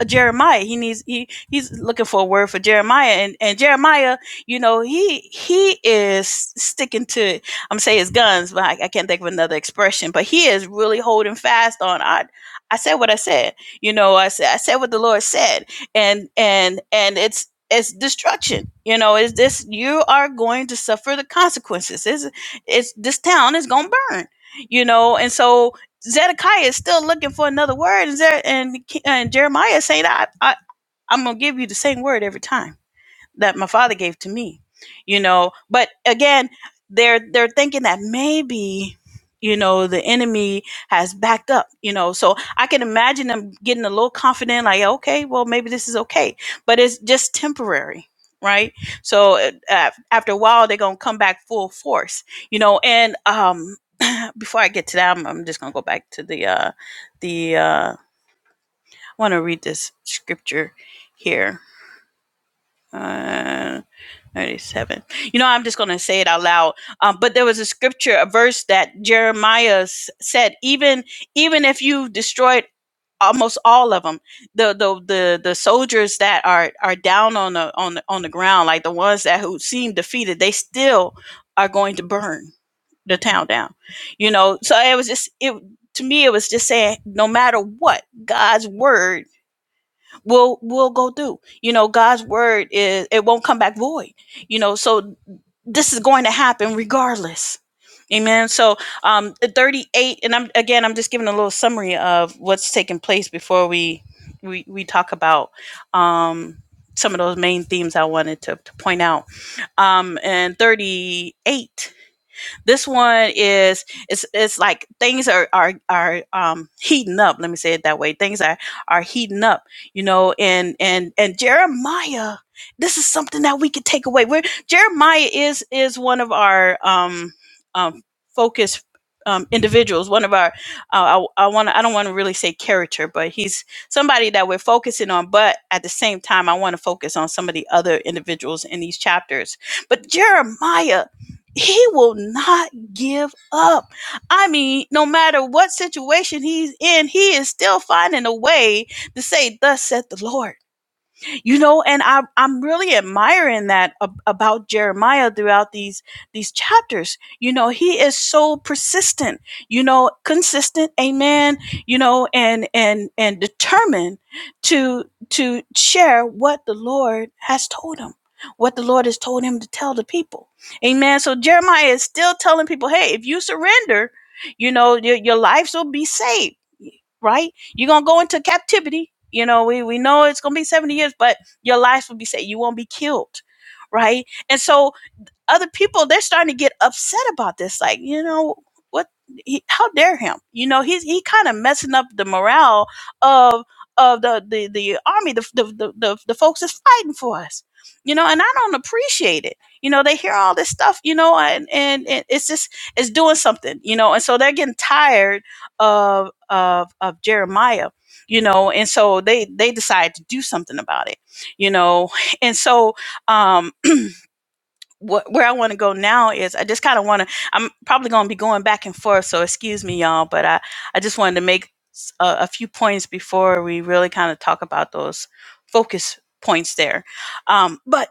A: uh, jeremiah he needs he he's looking for a word for jeremiah and and jeremiah you know he he is sticking to i'm saying his guns but I, I can't think of another expression but he is really holding fast on i i said what i said you know i said i said what the lord said and and and it's it's destruction you know is this you are going to suffer the consequences it's, it's this town is gonna burn you know and so zedekiah is still looking for another word and, Zer- and, and jeremiah is saying I, I i'm gonna give you the same word every time that my father gave to me you know but again they're they're thinking that maybe you know the enemy has backed up you know so i can imagine them getting a little confident like okay well maybe this is okay but it's just temporary right so uh, af- after a while they're gonna come back full force you know and um before i get to that i'm, I'm just gonna go back to the uh the uh i want to read this scripture here Uh, 37. You know, I'm just going to say it out loud. Um, but there was a scripture, a verse that Jeremiah s- said, even even if you've destroyed almost all of them, the the the, the soldiers that are are down on the on the, on the ground, like the ones that who seem defeated, they still are going to burn the town down. You know, so it was just it to me it was just saying no matter what God's word will will go through. You know, God's word is it won't come back void you know so this is going to happen regardless. Amen. So, um, 38, and I'm again, I'm just giving a little summary of what's taking place before we we we talk about um some of those main themes I wanted to, to point out. Um, and 38. This one is it's it's like things are are are um, heating up. Let me say it that way. Things are are heating up, you know. And and and Jeremiah, this is something that we could take away. We're, Jeremiah is is one of our um, um, focus um, individuals. One of our uh, I, I want I don't want to really say character, but he's somebody that we're focusing on. But at the same time, I want to focus on some of the other individuals in these chapters. But Jeremiah he will not give up. I mean, no matter what situation he's in, he is still finding a way to say, Thus saith the Lord you know and I, i'm really admiring that ab- about jeremiah throughout these these chapters you know he is so persistent you know consistent amen you know and and and determined to to share what the lord has told him what the lord has told him to tell the people amen so jeremiah is still telling people hey if you surrender you know your, your lives will be saved right you're gonna go into captivity. You know, we, we know it's gonna be 70 years, but your lives will be saved. You won't be killed, right? And so other people they're starting to get upset about this like you know what he, how dare him you know he's he kind of messing up the morale of of the the, the army the, the the the the folks that's fighting for us you know and i don't appreciate it you know they hear all this stuff you know and and, and it's just it's doing something you know and so they're getting tired of of of jeremiah you know and so they they decide to do something about it you know and so um what where I want to go now is I just kind of want to. I'm probably going to be going back and forth, so excuse me, y'all. But I I just wanted to make s- a, a few points before we really kind of talk about those focus points there. Um, but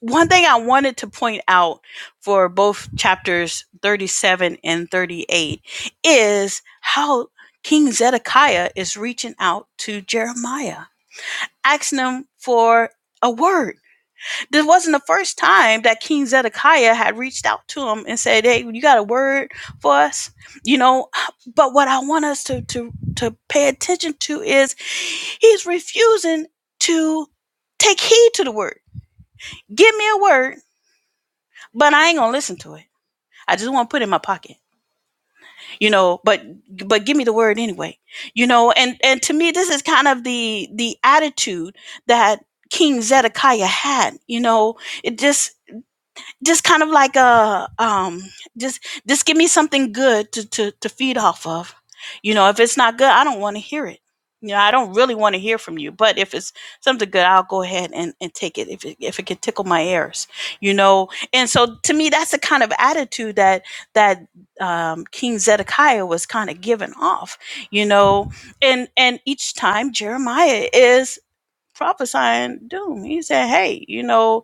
A: one thing I wanted to point out for both chapters 37 and 38 is how King Zedekiah is reaching out to Jeremiah, asking him for a word this wasn't the first time that King Zedekiah had reached out to him and said, "Hey, you got a word for us?" You know, but what I want us to to to pay attention to is he's refusing to take heed to the word. Give me a word, but I ain't gonna listen to it. I just want to put it in my pocket, you know. But but give me the word anyway, you know. And and to me, this is kind of the the attitude that King Zedekiah had, you know. It just just kind of like a um just just give me something good to to to feed off of you know if it's not good i don't want to hear it you know i don't really want to hear from you but if it's something good i'll go ahead and, and take it if, it if it can tickle my ears you know and so to me that's the kind of attitude that that um, king zedekiah was kind of giving off you know and and each time jeremiah is prophesying doom he said hey you know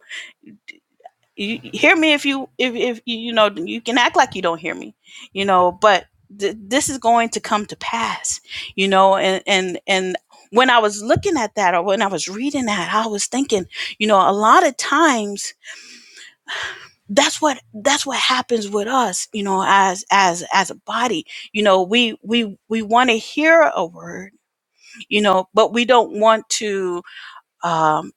A: you you hear me if you if if you you know you can act like you don't hear me you know but th- this is going to come to pass you know and and and when i was looking at that or when i was reading that i was thinking you know a lot of times that's what that's what happens with us you know as as as a body you know we we we want to hear a word you know but we don't want to um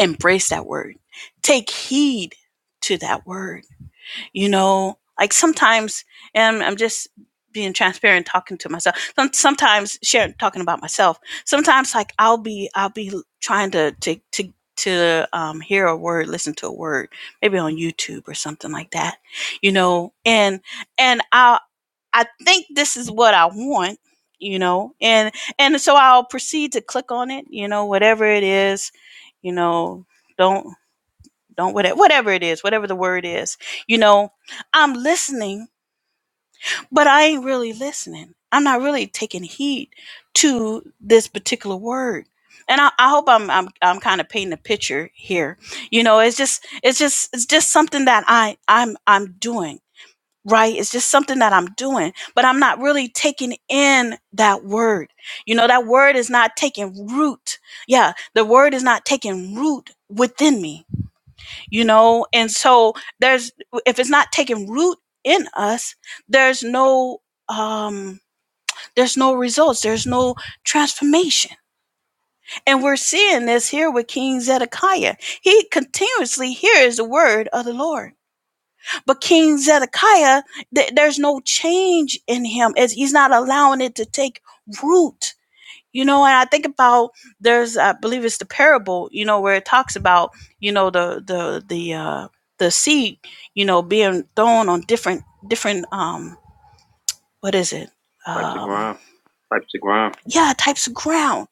A: embrace that word take heed to that word you know like sometimes and i'm just being transparent talking to myself sometimes sharing talking about myself sometimes like i'll be i'll be trying to to to to um, hear a word listen to a word maybe on youtube or something like that you know and and i i think this is what i want you know and and so i'll proceed to click on it you know whatever it is you know don't don't whatever whatever it is, whatever the word is. You know, I'm listening, but I ain't really listening. I'm not really taking heed to this particular word. And I, I hope I'm I'm I'm kind of painting a picture here. You know, it's just it's just it's just something that I I'm I'm doing, right? It's just something that I'm doing, but I'm not really taking in that word. You know, that word is not taking root. Yeah, the word is not taking root within me you know and so there's if it's not taking root in us there's no um there's no results there's no transformation and we're seeing this here with king zedekiah he continuously hears the word of the lord but king zedekiah th- there's no change in him It's- he's not allowing it to take root you know, and I think about there's I believe it's the parable, you know, where it talks about, you know, the the the uh the seed, you know, being thrown on different different um what is it?
C: Types of
A: Um
C: ground.
A: Types of ground. yeah, types of ground.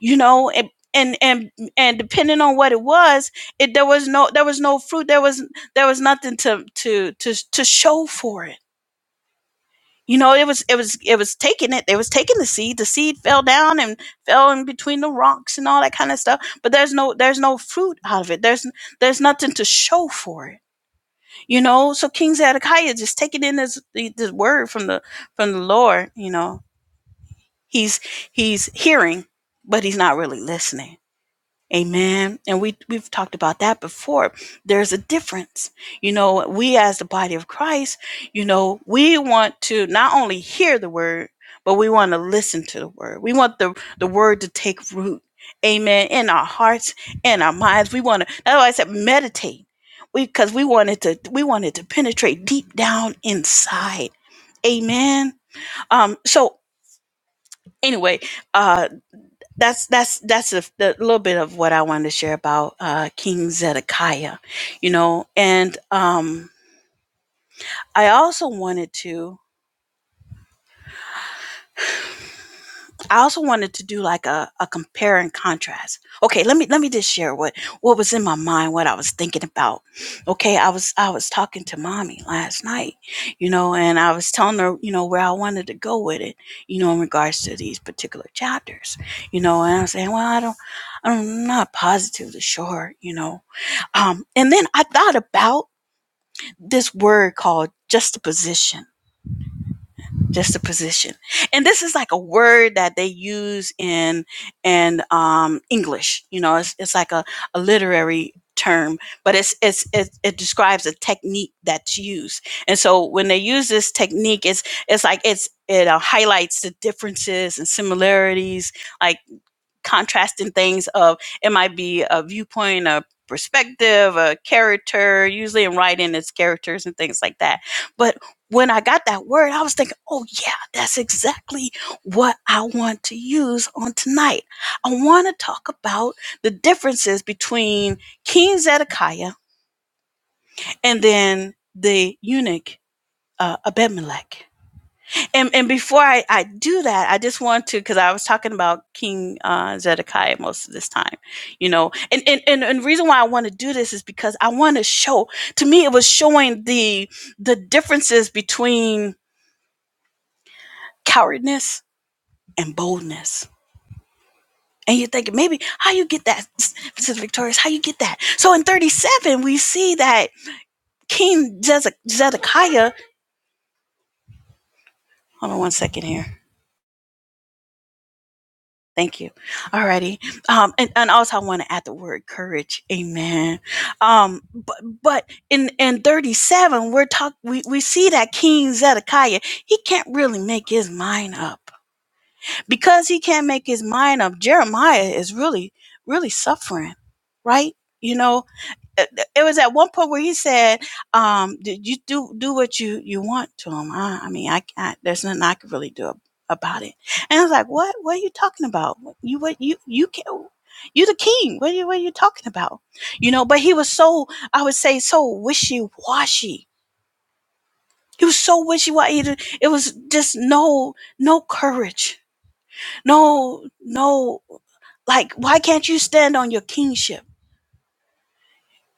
A: You know, and and and and depending on what it was, it there was no there was no fruit, there was there was nothing to to to to show for it you know it was it was it was taking it they was taking the seed the seed fell down and fell in between the rocks and all that kind of stuff but there's no there's no fruit out of it there's there's nothing to show for it you know so king zedekiah just taking in this this word from the from the lord you know he's he's hearing but he's not really listening Amen. And we we've talked about that before. There's a difference. You know, we as the body of Christ, you know, we want to not only hear the word, but we want to listen to the word. We want the the word to take root. Amen. In our hearts, in our minds. We want to that's why I said meditate. We because we wanted to we wanted to penetrate deep down inside. Amen. Um so anyway, uh that's that's that's a, the little bit of what I wanted to share about uh, King Zedekiah, you know. And um, I also wanted to. I also wanted to do like a, a compare and contrast. Okay, let me let me just share what what was in my mind, what I was thinking about. Okay, I was I was talking to mommy last night, you know, and I was telling her, you know, where I wanted to go with it, you know, in regards to these particular chapters, you know, and I'm saying, well, I don't, I'm not positively sure, you know, um, and then I thought about this word called juxtaposition just a position and this is like a word that they use in in um, english you know it's, it's like a, a literary term but it's, it's it, it describes a technique that's used and so when they use this technique it's it's like it's it uh, highlights the differences and similarities like contrasting things of it might be a viewpoint a perspective a character usually in writing it's characters and things like that but when i got that word i was thinking oh yeah that's exactly what i want to use on tonight i want to talk about the differences between king zedekiah and then the eunuch uh, abimelech and and before I, I do that, I just want to because I was talking about King uh, Zedekiah most of this time, you know, and and and, and the reason why I want to do this is because I want to show. To me, it was showing the the differences between cowardness and boldness. And you're thinking maybe how you get that, Sister Victorious, how you get that? So in 37, we see that King Zedekiah. Hold on one second here. Thank you. Alrighty. Um, and, and also I want to add the word courage. Amen. Um, but but in in 37, we're talk we, we see that King Zedekiah, he can't really make his mind up. Because he can't make his mind up, Jeremiah is really, really suffering, right? You know, it was at one point where he said, um, "Did you do do what you you want to him?" I, I mean, I can There's nothing I could really do about it. And I was like, "What? What are you talking about? You what you you can." not You the king. What are you, what are you talking about? You know, but he was so, I would say, so wishy washy. He was so wishy washy. It was just no, no courage. No, no, like, why can't you stand on your kingship?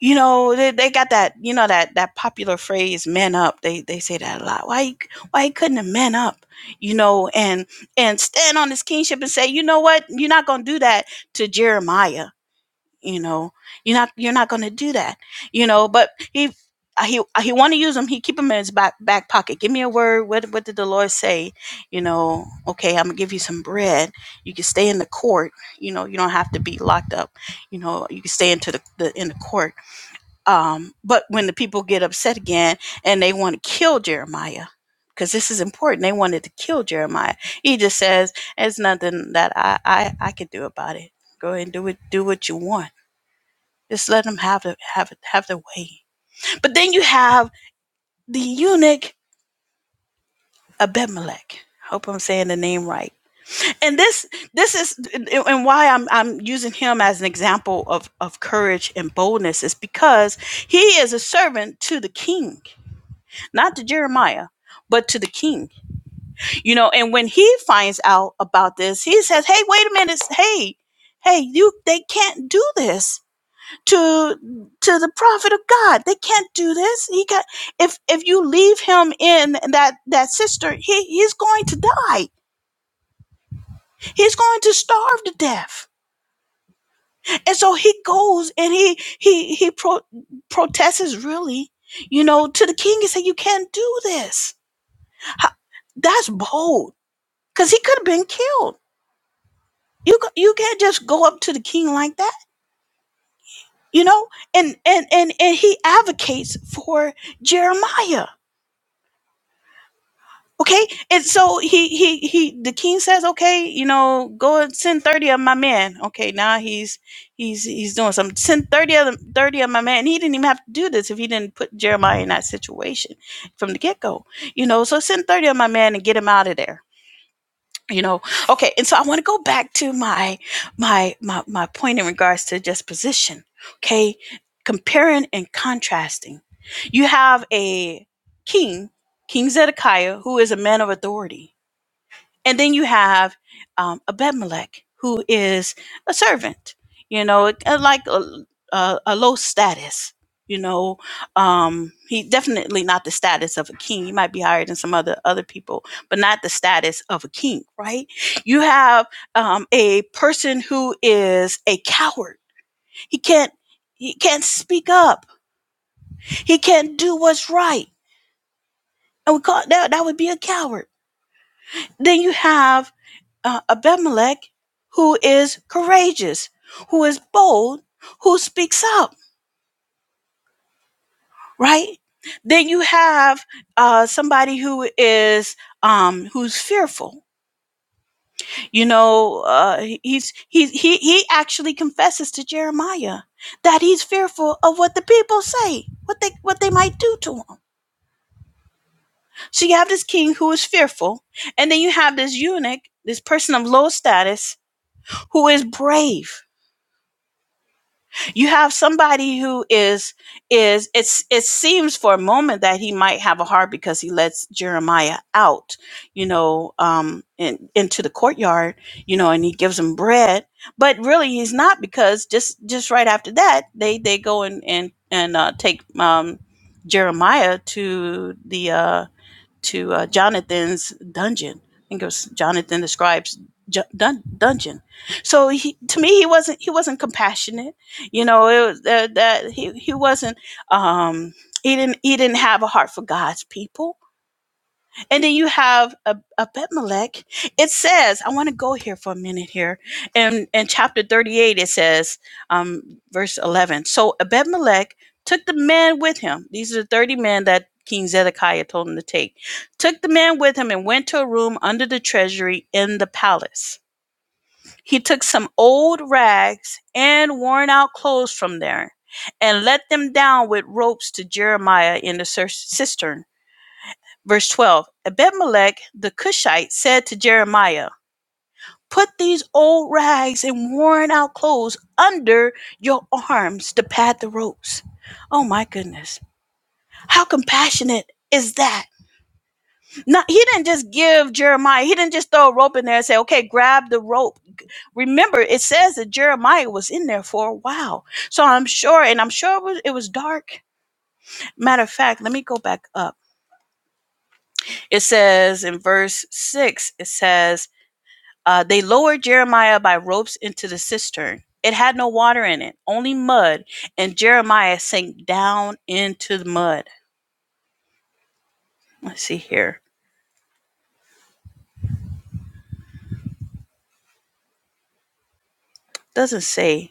A: you know they, they got that you know that that popular phrase men up they they say that a lot why he- why he couldn't have men up you know and and stand on his kingship and say you know what you're not going to do that to jeremiah you know you're not you're not going to do that you know but he uh, he uh, he want to use him he keep him in his back back pocket give me a word what what did the lord say you know okay i'm gonna give you some bread you can stay in the court you know you don't have to be locked up you know you can stay into the, the in the court um, but when the people get upset again and they want to kill Jeremiah, because this is important, they wanted to kill Jeremiah. He just says, "There's nothing that I I, I can do about it. Go ahead and do it. Do what you want. Just let them have the have it have the way." But then you have the eunuch Abimelech. I Hope I'm saying the name right. And this this is and why I'm I'm using him as an example of of courage and boldness is because he is a servant to the king not to Jeremiah, but to the king. You know, and when he finds out about this, he says, "Hey, wait a minute. Hey, hey, you they can't do this to to the prophet of God. They can't do this. He got if if you leave him in that that sister, he he's going to die. He's going to starve to death." And so he goes and he he he pro- protests really, you know, to the king and say, "You can't do this." That's bold because he could have been killed you ca- you can't just go up to the king like that you know and and and and he advocates for jeremiah okay and so he he he the king says okay you know go and send 30 of my men okay now he's he's he's doing something send 30 of them 30 of my men he didn't even have to do this if he didn't put jeremiah in that situation from the get-go you know so send 30 of my men and get him out of there you know okay and so i want to go back to my my my my point in regards to just position okay comparing and contrasting you have a king king zedekiah who is a man of authority and then you have um, Abimelech, who is a servant, you know, uh, like a, a, a low status. You know, um, he definitely not the status of a king. He might be higher than some other other people, but not the status of a king, right? You have um, a person who is a coward. He can't he can't speak up. He can't do what's right, and we call that that would be a coward. Then you have uh, Abimelech, who is courageous, who is bold, who speaks up, right? Then you have uh, somebody who is um, who's fearful. You know, uh, he's he he he actually confesses to Jeremiah that he's fearful of what the people say, what they what they might do to him. So you have this king who is fearful, and then you have this eunuch, this person of low status, who is brave you have somebody who is is it's it seems for a moment that he might have a heart because he lets jeremiah out you know um in, into the courtyard you know and he gives him bread but really he's not because just just right after that they they go and and and uh, take um jeremiah to the uh to uh, Jonathan's dungeon. I think it was Jonathan the scribe's ju- dun- dungeon. So he, to me, he wasn't he wasn't compassionate. You know, it was that, that he he wasn't um, he didn't he didn't have a heart for God's people. And then you have Abimelech. It says, I want to go here for a minute here. And in chapter 38, it says, um, verse 11. So Abimelech took the men with him. These are the 30 men that King Zedekiah told him to take. Took the men with him and went to a room under the treasury in the palace. He took some old rags and worn out clothes from there and let them down with ropes to Jeremiah in the cistern Verse 12 Abimelech the Cushite said to Jeremiah, Put these old rags and worn out clothes under your arms to pad the ropes. Oh my goodness. How compassionate is that? Not, he didn't just give Jeremiah, he didn't just throw a rope in there and say, okay, grab the rope. Remember, it says that Jeremiah was in there for a while. So I'm sure, and I'm sure it was, it was dark. Matter of fact, let me go back up. It says in verse 6, it says, Uh, they lowered Jeremiah by ropes into the cistern. It had no water in it, only mud, and Jeremiah sank down into the mud. Let's see here. Doesn't say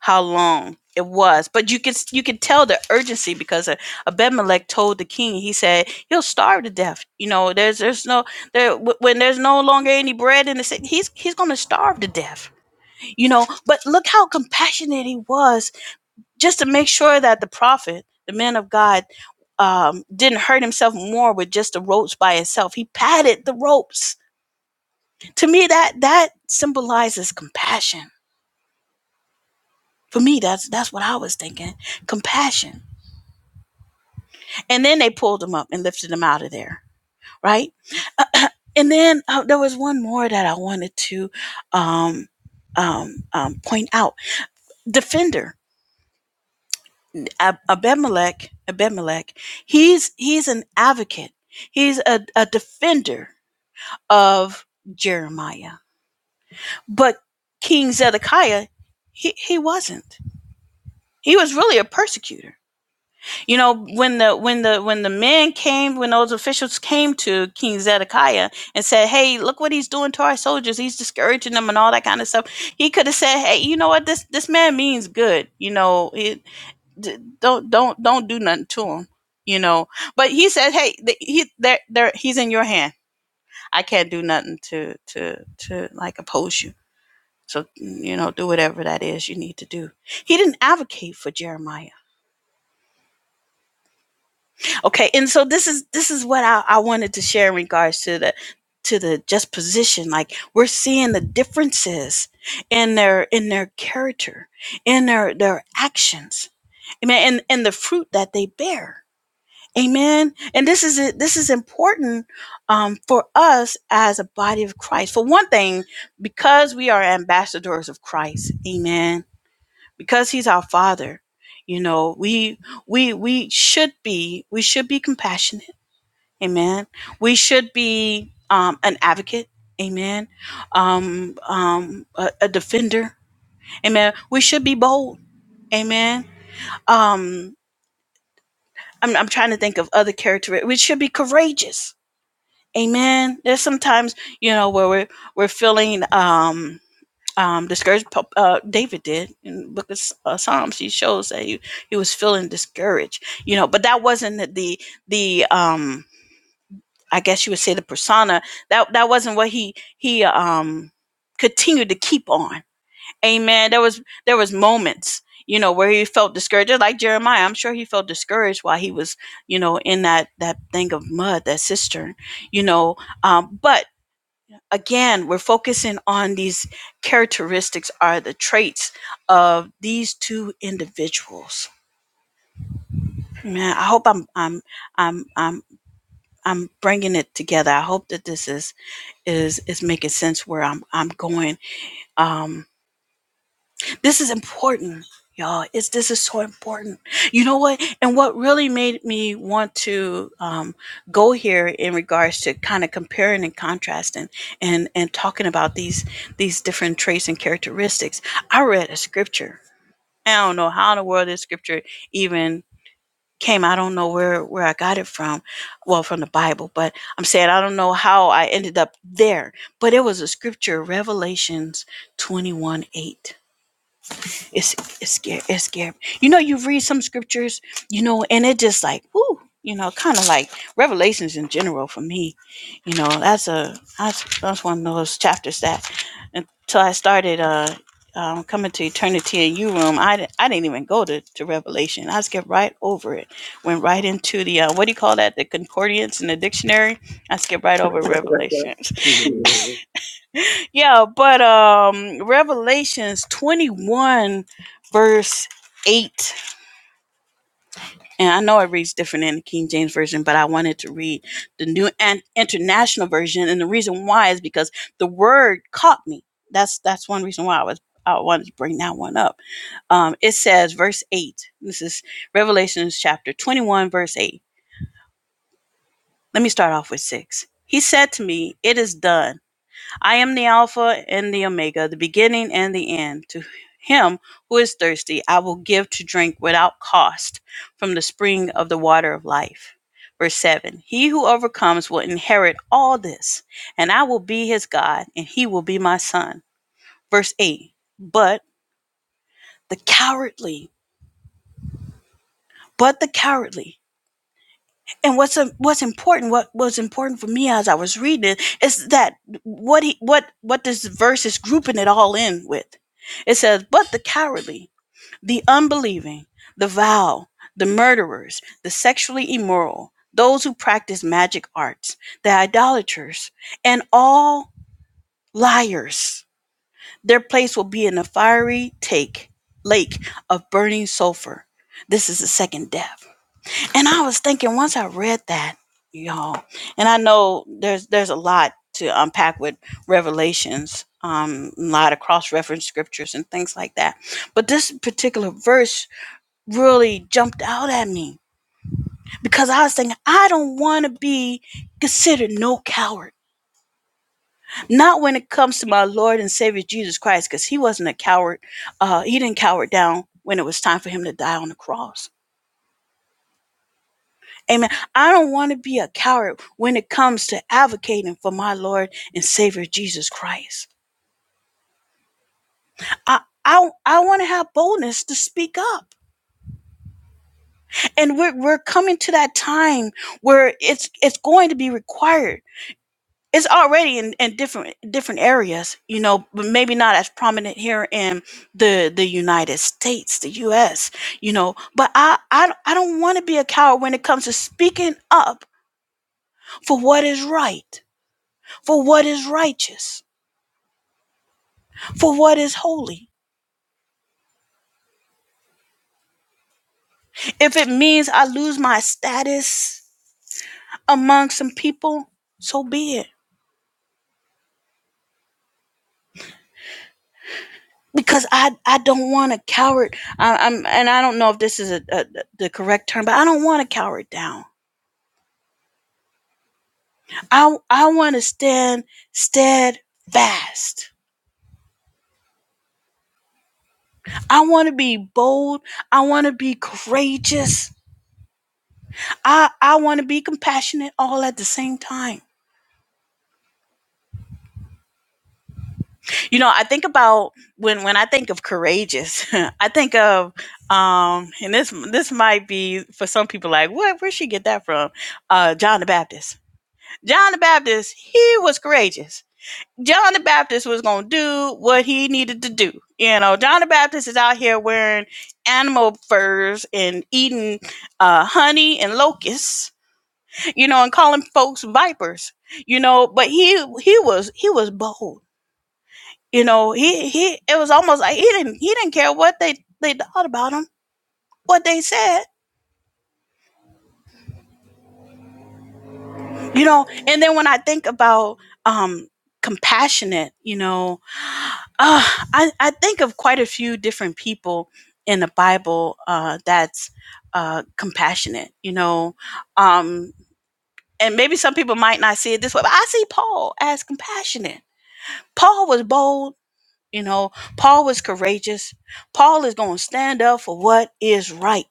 A: how long it was, but you could you could tell the urgency because uh, Abimelech told the king. He said, "You'll starve to death. You know, there's there's no there when there's no longer any bread in the city. He's he's going to starve to death. You know, but look how compassionate he was just to make sure that the prophet, the man of God, um, didn't hurt himself more with just the ropes by itself. He padded the ropes. To me, that that symbolizes compassion. For me, that's that's what I was thinking, compassion. And then they pulled him up and lifted him out of there, right? Uh, and then uh, there was one more that I wanted to um, um, um, point out: defender. Ab- Abimelech, Abimelech, he's he's an advocate. He's a, a defender of Jeremiah. But King Zedekiah, he, he wasn't. He was really a persecutor. You know, when the when the when the men came, when those officials came to King Zedekiah and said, Hey, look what he's doing to our soldiers. He's discouraging them and all that kind of stuff. He could have said, Hey, you know what, this this man means good. You know, he, d- don't don't don't do nothing to him you know but he said hey th- he there there he's in your hand i can't do nothing to to to like oppose you so you know do whatever that is you need to do he didn't advocate for jeremiah okay and so this is this is what i, I wanted to share in regards to the to the just position like we're seeing the differences in their in their character in their their actions I mean, and and the fruit that they bear Amen. And this is this is important um, for us as a body of Christ. For one thing, because we are ambassadors of Christ. Amen. Because He's our Father, you know, we we we should be we should be compassionate. Amen. We should be um, an advocate. Amen. Um, um, a, a defender. Amen. We should be bold. Amen. Um, I'm, I'm trying to think of other characteristics. We should be courageous Amen. There's sometimes you know where we're we're feeling um um discouraged. Po- Uh, David did in the Book of S- uh, Psalms. He shows that he he was feeling discouraged. You know, but that wasn't the the the, um I guess you would say the persona that that wasn't what he he um continued to keep on. Amen. There was there was moments you know where he felt discouraged Just like jeremiah i'm sure he felt discouraged while he was you know in that that thing of mud that cistern you know um, but again we're focusing on these characteristics are the traits of these two individuals man i hope i'm i'm i'm i'm I'm bringing it together. I hope that this is is is making sense where I'm I'm going. Um. This is important, y'all. It's this is so important. You know what? And what really made me want to um, go here in regards to kind of comparing and contrasting and and talking about these these different traits and characteristics. I read a scripture. I don't know how in the world this scripture even came. I don't know where where I got it from. Well, from the Bible, but I'm saying I don't know how I ended up there. But it was a scripture, Revelations 21 8 it's it's scary. It's scary. You know, you read some scriptures, you know, and it just like, whoo, you know, kind of like Revelations in general for me. You know, that's a that's that's one of those chapters that until I started uh um, coming to eternity in you room, I, di- I didn't even go to, to Revelation. I skipped right over it. Went right into the uh, what do you call that? The concordance in the dictionary. I skipped right over Revelations.
C: Mhm.
A: Yeah, but um Revelations 21 verse 8 and I know it reads different in the King James version, but I wanted to read the New An- International version and the reason why is because the word caught me. That's that's one reason why I was I wanted to bring that one up. Um it says verse 8. This is Revelations chapter 21 verse 8. Let me start off with 6. He said to me, "It is done." I am the Alpha and the Omega, the beginning and the end. To him who is thirsty, I will give to drink without cost from the spring of the water of life. Verse 7 He who overcomes will inherit all this, and I will be his God, and he will be my son. Verse 8 But the cowardly, but the cowardly, and what's what's important what was important for me as i was reading it is that what he what what this verse is grouping it all in with it says but the cowardly the unbelieving the vile the murderers the sexually immoral those who practice magic arts the idolaters and all liars their place will be in the fiery take lake of burning sulfur this is the second death and I was thinking once I read that, y'all, and I know there's there's a lot to unpack with revelations, um, a lot of cross reference scriptures and things like that. But this particular verse really jumped out at me because I was thinking, I don't want to be considered no coward. Not when it comes to my Lord and Savior Jesus Christ, because he wasn't a coward. Uh, he didn't cower down when it was time for him to die on the cross Amen. I don't want to be a coward when it comes to advocating for my Lord and Savior Jesus Christ. I I, I want to have boldness to speak up. And we're we're coming to that time where it's it's going to be required. It's already in, in different different areas, you know, but maybe not as prominent here in the the United States, the US, you know. But I I, I don't want to be a coward when it comes to speaking up for what is right, for what is righteous for what is holy. If it means I lose my status among some people, so be it. Because I, I don't want a coward. I, I'm and I don't know if this is a, a, the correct term, but I don't want to cower down. I I want to stand steadfast. I want to be bold. I want to be courageous. I I want to be compassionate all at the same time. you know i think about when when i think of courageous i think of um and this this might be for some people like what where'd she get that from uh john the baptist john the baptist he was courageous john the baptist was gonna do what he needed to do you know john the baptist is out here wearing animal furs and eating uh honey and locusts you know and calling folks vipers you know but he he was he was bold you know, he he it was almost like he didn't he didn't care what they they thought about him, what they said. You know, and then when I think about um compassionate, you know, uh, I I think of quite a few different people in the Bible uh that's uh compassionate, you know. Um and maybe some people might not see it this way, but I see Paul as compassionate. Paul was bold, you know, Paul was courageous. Paul is going to stand up for what is right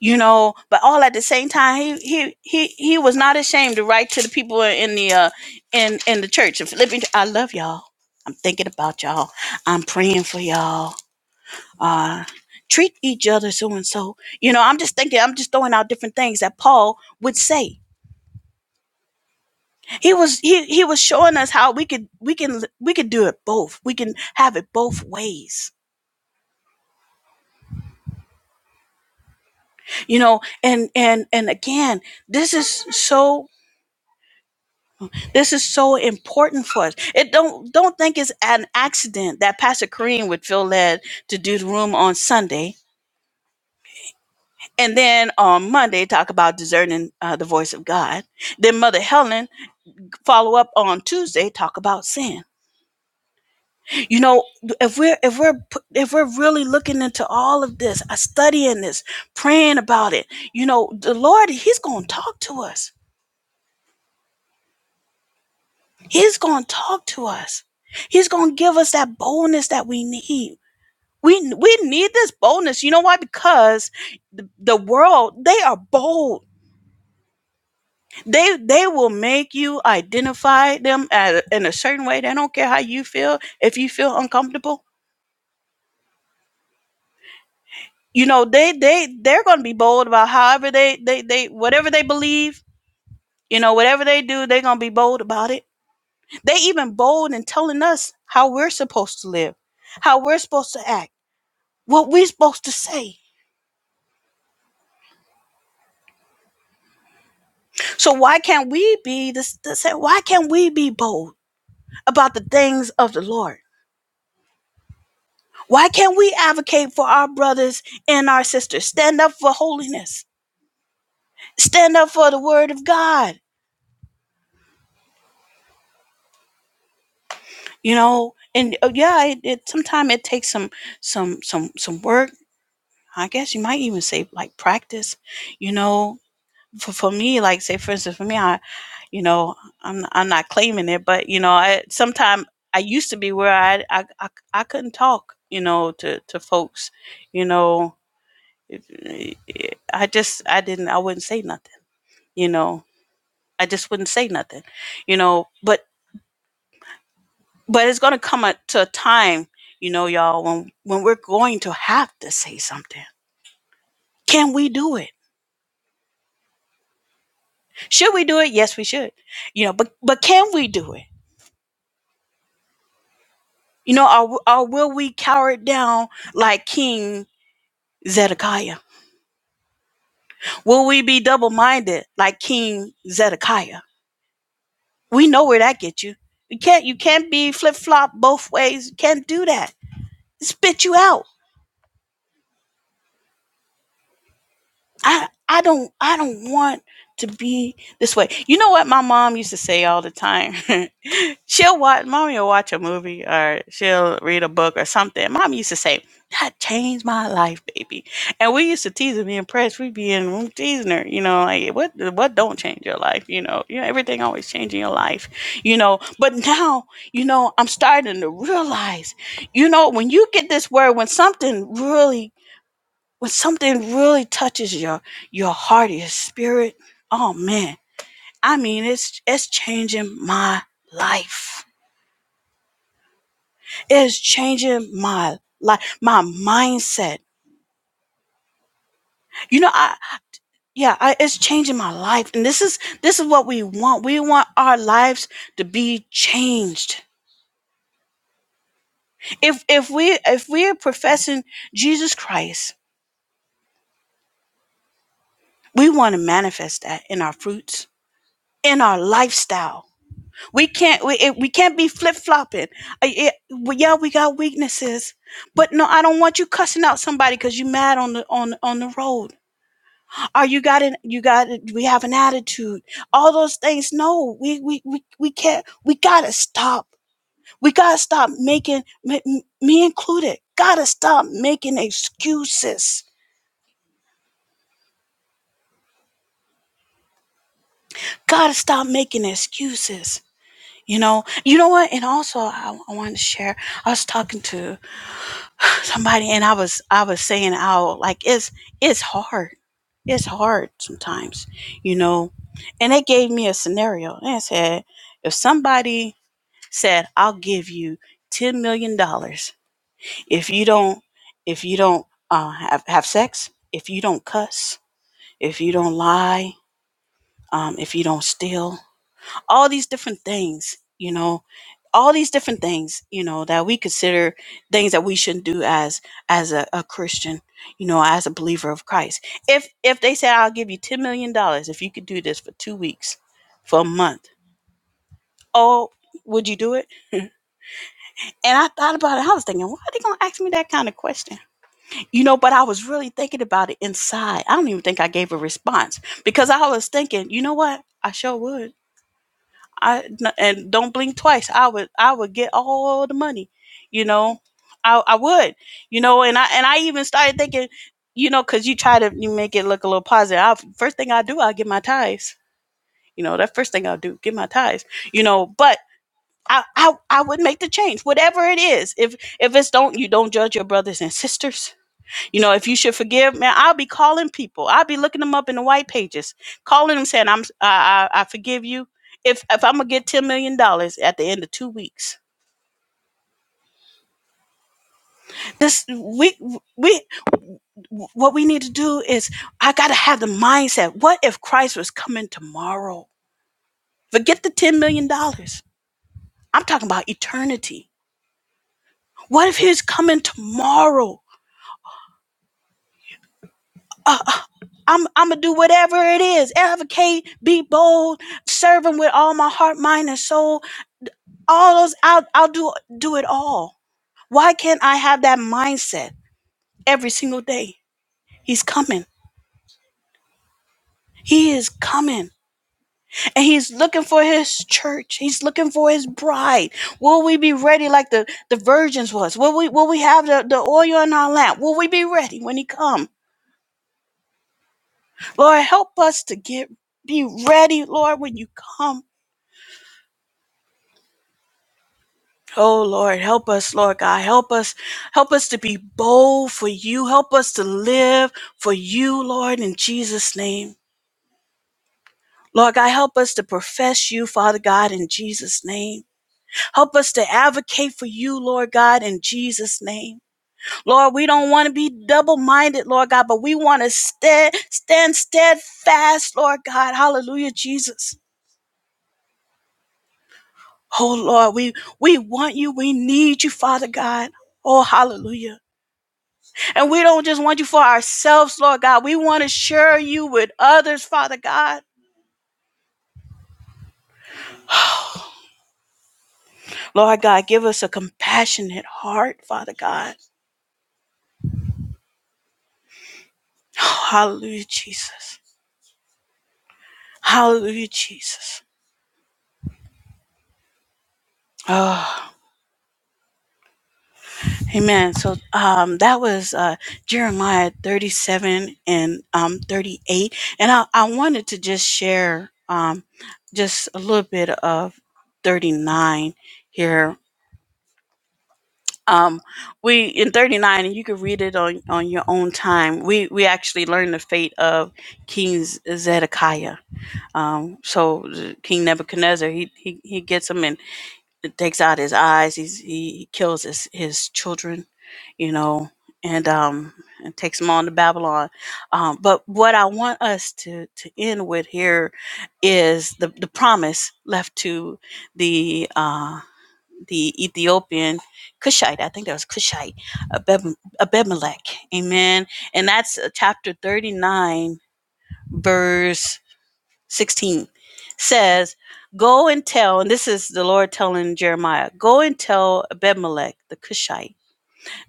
A: you know but all at the same time he he he he was not ashamed to write to the people in the uh in in the church in philippians i love y'all i'm thinking about y'all i'm praying for y'all uh treat each other so and so you know i'm just thinking i'm just throwing out different things that paul would say he was he he was showing us how we could we can we could do it both we can have it both ways you know and and and again this is so This is so important for us. It don't don't think it's an accident that Pastor Kareem would feel led to do the room on Sunday, and then on Monday talk about discerning uh, the voice of God. Then Mother Helen follow up on Tuesday talk about sin. You know, if we're if we're if we're really looking into all of this, uh, studying this, praying about it, you know, the Lord He's going to talk to us. He's going to talk to us. He's going to give us that boldness that we need We we need this boldness. You know why? Because the, the world they are bold. They they will make you identify them at, in a certain way. They don't care how you feel. If you feel uncomfortable, you know they they they're going to be bold about however they they they whatever they believe. You know whatever they do, they're going to be bold about it. They even bold in telling us how we're supposed to live, how we're supposed to act, what we're supposed to say. So why can't we be this? this why can't we be bold? about the things of the Lord. Why can't we advocate for our brothers and our sisters? Stand up for holiness. Stand up for the word of God. You know, and uh, yeah, it, it sometimes it takes some some some some work. I guess you might even say like practice. You know, for for me, like say for instance, for me, I, you know, I'm I'm not claiming it, but you know, I sometimes I used to be where I I I, I couldn't talk, you know, to to folks, you know, it- it- I just I didn't I wouldn't say nothing, you know. I just wouldn't say nothing, you know. But but it's gonna come a, to a time, you know, y'all, when when we're going to have to say something. Can we do it? Should we do it? Yes, we should, you know. But but can we do it? You know, or, or will we cower it down like King Zedekiah? Will we be double minded like King Zedekiah? We know where that gets you. You can't you can't be flip flop both ways. You can't do that spit you out. I I don't I don't want to be this way. You know what my mom used to say all the time? she'll watch mommy will watch a movie or she'll read a book or something. Mom used to say, That changed my life, baby. And we used to tease her, me and Press, we'd be in the room teasing her, you know, like what what don't change your life, you know. You know, everything always changing your life, you know. But now, you know, I'm starting to realize, you know, when you get this word, when something really when something really touches your your heart, your spirit, oh man. I mean, it's it's changing my life. It's changing my life, my mindset. You know, I yeah, I, it's changing my life, and this is this is what we want. We want our lives to be changed. If if we if we're professing Jesus Christ, we want to manifest that in our fruits, in our lifestyle We can't we it, we can't be flip flopping. Yeah, well, yeah, we got weaknesses, but no, I don't want you cussing out somebody because you mad on the on on the road. Or you got an you got it, we have an attitude. All those things. No, we we we, we can't. We gotta stop. We gotta stop making m- me included. Gotta stop making excuses. Gotta stop making excuses. You know. You know what? And also, I, I wanted to share. I was talking to somebody and I was I was saying out like it's it's hard. It's hard sometimes, you know. And they gave me a scenario and said, if somebody said, I'll give you ten million dollars if you don't if you don't uh, have have sex, if you don't cuss, if you don't lie, um, if you don't steal, all these different things, you know, all these different things, you know, that we consider things that we shouldn't do as as a, a Christian, you know, as a believer of Christ. If if they said I'll give you ten million dollars if you could do this for two weeks, for a month, oh, would you do it? And I thought about it. I was thinking, why are they gonna ask me that kind of question? You know, but I was really thinking about it inside. I don't even think I gave a response because I was thinking, you know what? I sure would. I n- and don't blink twice. I would I would get all the money, you know. I I would, you know, and I and I even started thinking, you know, because you try to you make it look a little positive. I, first thing I do, I get my ties. You know, that first thing I'll do, get my ties. You know, but I I I would make the change, whatever it is. If if it's don't you don't judge your brothers and sisters you know, if you should forgive, man, I'll be calling people. I'll be looking them up in the white pages, calling them saying, "I'm I, I, I forgive you." If if I'm gonna get ten million dollars at the end of two weeks, this we we what we need to do is I gotta have the mindset. What if Christ was coming tomorrow? Forget the ten million dollars. I'm talking about eternity. What if He's coming tomorrow? Uh, uh, I'm I'm gonna do whatever it is. Advocate, be bold, serve Him with all my heart, mind, and soul all those I'll I'll do do it all. Why can't I have that mindset every single day? He's coming. He is coming. And he's looking for his church. He's looking for his bride. Will we be ready like the, the virgins was? Will we will we have the, the oil in our lamp? Will we be ready when he come? Lord, help us to get be ready, Lord, when you come. Oh Lord, help us, Lord God. Help us. Help us to be bold for you. Help us to live for you, Lord, in Jesus' name. Lord God, help us to profess you, Father God, in Jesus' name. Help us to advocate for you, Lord God, in Jesus' name. Lord, we don't want to be double minded, Lord God, but we want to stand, stand steadfast, Lord God. Hallelujah, Jesus. Oh Lord, we, we want you. We need you, Father God. Oh, hallelujah. And we don't just want you for ourselves, Lord God. We want to share you with others, Father God. Lord God, give us a compassionate heart, Father God. Oh, hallelujah, Jesus. Hallelujah, Jesus. Oh, amen. So um, that was uh, Jeremiah 37 and um, 38. And I, I wanted to just share um, just a little bit of 39 here. um we in 39 and you can read it on on your own time we we actually learn the fate of king zedekiah um so king nebuchadnezzar he he, he gets him and takes out his eyes he's he kills his his children you know and um and takes them on to babylon um but what i want us to to end with here is the the promise left to the uh the Ethiopian Cushite. I think that was Cushite, Abeb- Abimelech. Amen. And that's uh, chapter 39, verse 16 says, Go and tell, and this is the Lord telling Jeremiah, go and tell Abimelech the Cushite,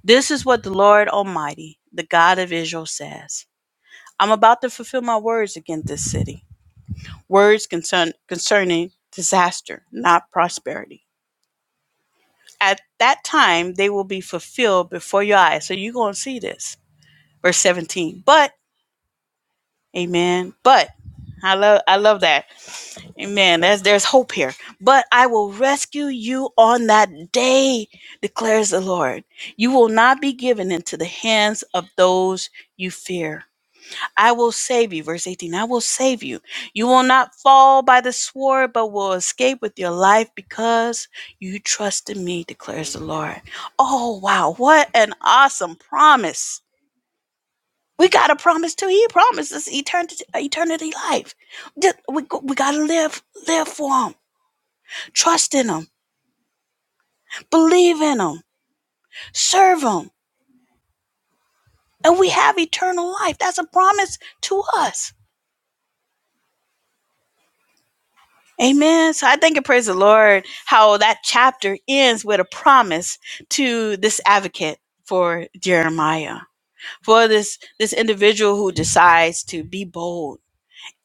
A: this is what the Lord Almighty, the God of Israel, says. I'm about to fulfill my words against this city. Words concern, concerning disaster, not prosperity. at that time they will be fulfilled before your eyes. So you're gonna see this. Verse 17. But, amen. But I love I love that. Amen. That's there's hope here. But I will rescue you on that day, declares the Lord. You will not be given into the hands of those you fear. I will save you. Verse 18, I will save you. You will not fall by the sword, but will escape with your life because you trusted me, declares the Lord. Oh, wow. What an awesome promise. We got a promise too. He promised us eternity, eternity life. We, we got to live, live for him. Trust in him. Believe in him. Serve him. And we have eternal life. That's a promise to us. Amen. So I thank and praise the Lord how that chapter ends with a promise to this advocate for Jeremiah, for this this individual who decides to be bold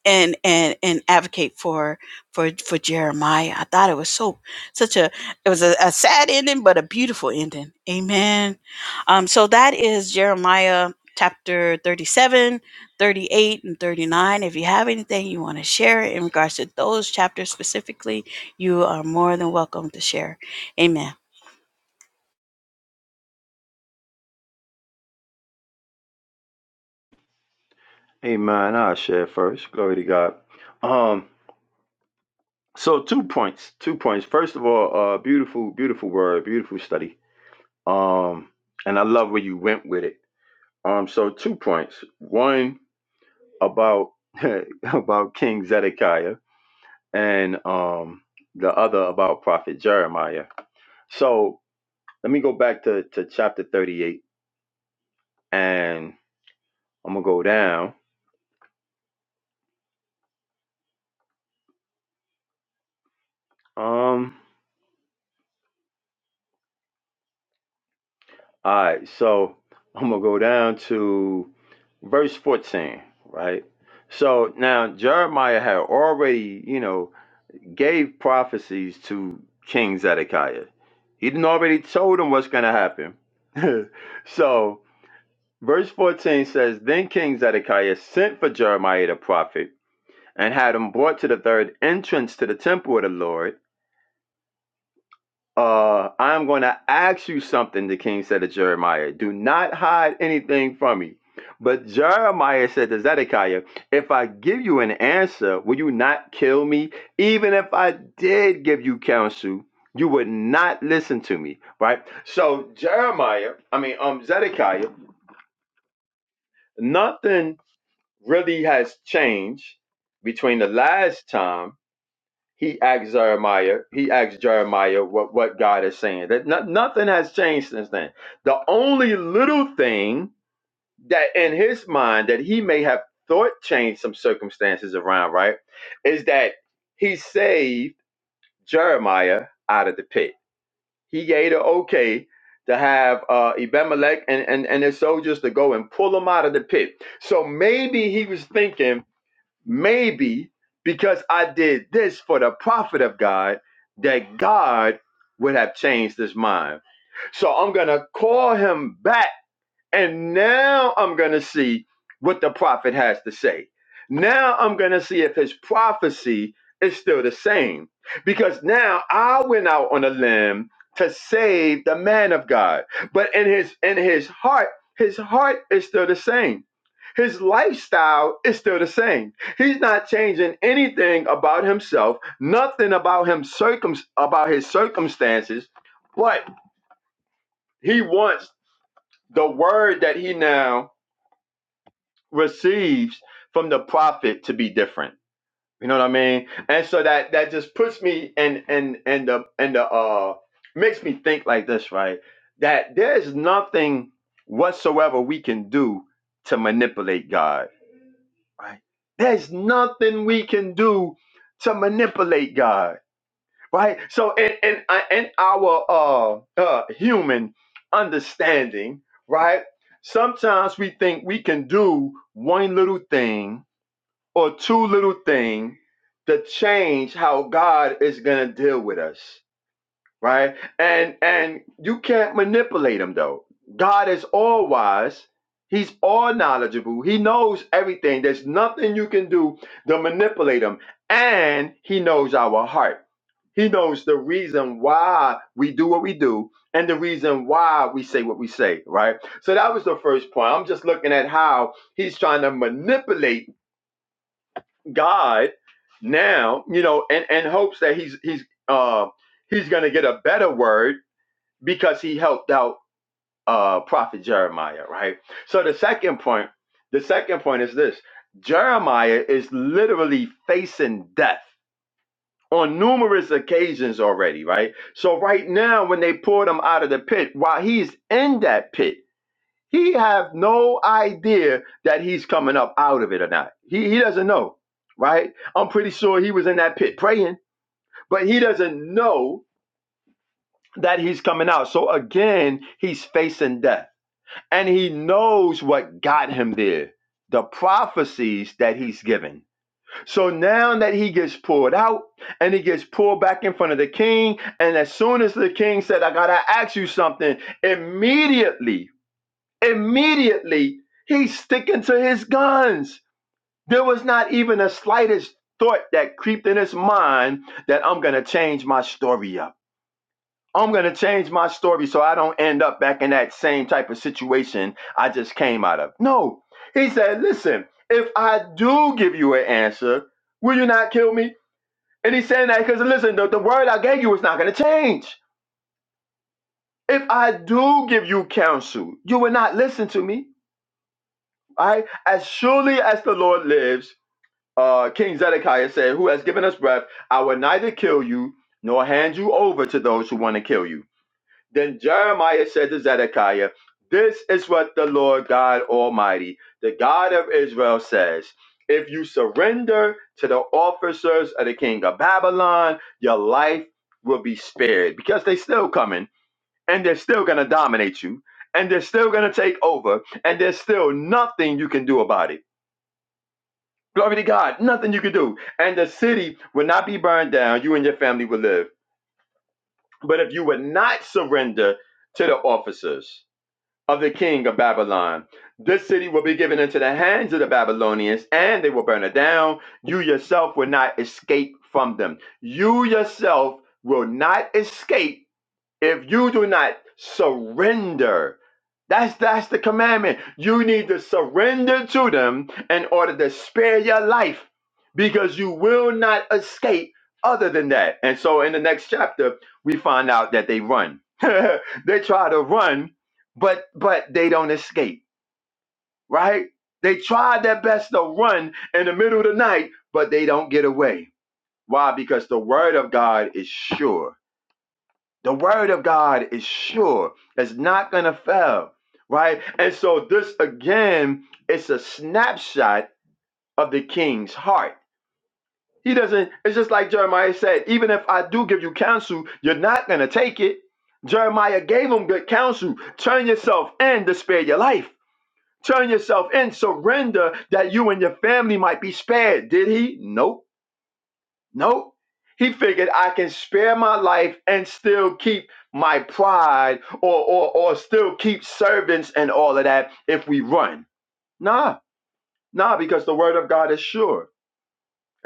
A: and and and advocate for for for Jeremiah. I thought it was so such a it was a, a sad ending, but a beautiful ending. Amen. Um, so that is Jeremiah chapter 37, 38, and 39. If you have anything you want to share in regards to those chapters specifically, you are more than welcome to share. Amen.
C: Amen. I'll share first. Glory to God. Um, So two points. Two points. First of all, uh, beautiful, beautiful word, beautiful study. Um, and I love where you went with it. Um, so two points. One about about King Zedekiah, and um, the other about Prophet Jeremiah. So let me go back to to chapter thirty eight, and I'm gonna go down. Um. All right, so I'm gonna go down to verse 14, right? So now Jeremiah had already, you know, gave prophecies to King Zedekiah. He didn't already told him what's gonna happen. so verse 14 says, Then King Zedekiah sent for Jeremiah the prophet and had him brought to the third entrance to the temple of the Lord. Uh, I'm going to ask you something, the king said to Jeremiah. Do not hide anything from me. But Jeremiah said to Zedekiah, If I give you an answer, will you not kill me? Even if I did give you counsel, you would not listen to me, right? So, Jeremiah, I mean, um, Zedekiah, nothing really has changed between the last time he asked Jeremiah, he asked Jeremiah what, what God is saying. That no- nothing has changed since then. The only little thing that in his mind that he may have thought changed some circumstances around, right, is that he saved Jeremiah out of the pit. He gave the okay to have uh, Abimelech and, and, and his soldiers to go and pull him out of the pit. So maybe he was thinking maybe because I did this for the profit of God, that God would have changed his mind. So I'm going to call him back and now I'm going to see what the prophet has to say. Now I'm going to see if his prophecy is still the same. Because now I went out on a limb to save the man of God. But in his in his heart, his heart is still the same. His lifestyle is still the same. He's not changing anything about himself, nothing about him circum about his circumstances, but he wants the word that he now receives from the prophet to be different. You know what I mean? And so that that just puts me and and and the and the uh makes me think like this, right? That there's nothing whatsoever we can do to manipulate God, right? There's nothing we can do to manipulate God, right? So in in uh, in our uh uh human understanding, right? Sometimes we think we can do one little thing or too little thing to change how God is going to deal with us, right? And and you can't manipulate him though. God is all wise. He's all knowledgeable. He knows everything. There's nothing you can do to manipulate him. And he knows our heart. He knows the reason why we do what we do and the reason why we say what we say, right? So that was the first point. I'm just looking at how he's trying to manipulate God now, you know, and and hopes that he's he's uh he's gonna get a better word because he helped out uh prophet Jeremiah, right? So the second point, the second point is this Jeremiah is literally facing death on numerous occasions already, right? So right now when they pulled him out of the pit, while he's in that pit. He have no idea that he's coming up out of it or not. He he doesn't know, right? I'm pretty sure he was in that pit praying, but he doesn't know that he's coming out. So again, he's facing death. And he knows what got him there. The prophecies that he's given. So now that he gets pulled out and he gets pulled back in front of the king, and as soon as the king said, I gotta ask you something, immediately immediately he's sticking to his guns. There was not even the slightest thought that creeped in his mind that I'm gonna change my story up. I'm gonna change my story so I don't end up back in that same type of situation I just came out of. No, he said, listen, if I do give you an answer, will you not kill me? And he's saying that because listen, the, the word I gave you is not gonna change. If I do give you counsel, you will not listen to me. I, as surely as the Lord lives, uh, King Zedekiah said, Who has given us breath, I will neither kill you nor hand you over to those who want to kill you. Then Jeremiah said to Zedekiah, This is what the Lord God Almighty, the God of Israel, says. If you surrender to the officers of the king of Babylon, your life will be spared because they're still coming and they're still going to dominate you and they're still going to take over and there's still nothing you can do about it. Glory to God. Nothing you could do. And the city will not be burned down. You and your family will live. But if you would not surrender to the officers of the king of Babylon, this city will be given into the hands of the Babylonians and they will burn it down. You yourself will not escape from them. You yourself will not escape if you do not surrender that's that's the commandment you need to surrender to them in order to spare your life because you will not escape other than that and so in the next chapter we find out that they run they try to run but but they don't escape right they tried their best to run in the middle of the night but they don't get away why because the word of god is sure the word of God is sure, it's not going to fail, right? And so, this again it's a snapshot of the king's heart. He doesn't, it's just like Jeremiah said, even if I do give you counsel, you're not going to take it. Jeremiah gave him good counsel turn yourself in to spare your life. Turn yourself in, surrender that you and your family might be spared. Did he? Nope. Nope. He figured I can spare my life and still keep my pride or, or, or still keep servants and all of that if we run. Nah, nah, because the word of God is sure.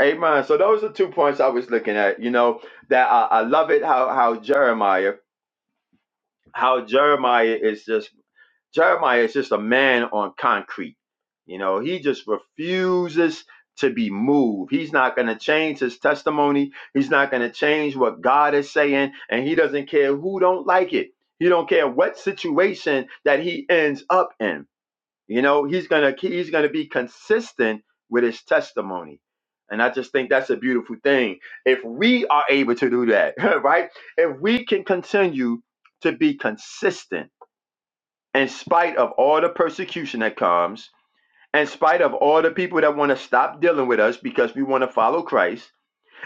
C: Amen. So those are two points I was looking at, you know, that I, I love it how, how Jeremiah, how Jeremiah is just Jeremiah is just a man on concrete. You know, he just refuses to be moved. He's not going to change his testimony. He's not going to change what God is saying, and he doesn't care who don't like it. He don't care what situation that he ends up in. You know, he's going to he's going to be consistent with his testimony. And I just think that's a beautiful thing. If we are able to do that, right? If we can continue to be consistent in spite of all the persecution that comes, in spite of all the people that want to stop dealing with us because we want to follow Christ,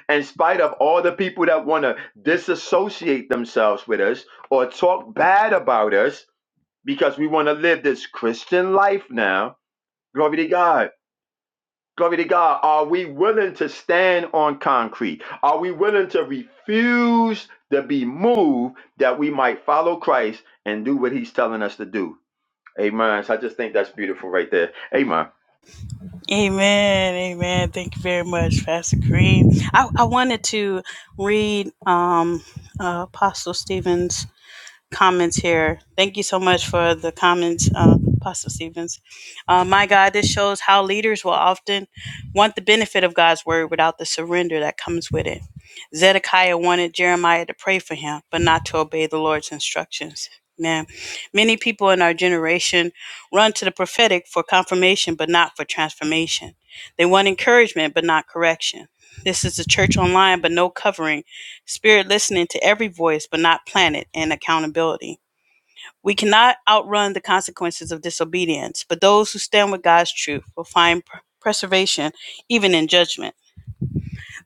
C: in spite of all the people that want to disassociate themselves with us or talk bad about us because we want to live this Christian life now, glory to God. Glory to God. Are we willing to stand on concrete? Are we willing to refuse to be moved that we might follow Christ and do what he's telling us to do? Amen. So I just think that's beautiful right there. Amen.
A: Amen. Amen. Thank you very much, Pastor Kareem. I, I wanted to read um, uh, Apostle Stevens comments here. Thank you so much for the comments, uh, Pastor Stevens. Uh, my God, this shows how leaders will often want the benefit of God's word without the surrender that comes with it. Zedekiah wanted Jeremiah to pray for him, but not to obey the Lord's instructions. Man, many people in our generation run to the prophetic for confirmation, but not for transformation. They want encouragement, but not correction. This is the church online, but no covering Spirit listening to every voice, but not planet and accountability. We cannot outrun the consequences of disobedience, but those who stand with God's truth will find pr- preservation even in judgment.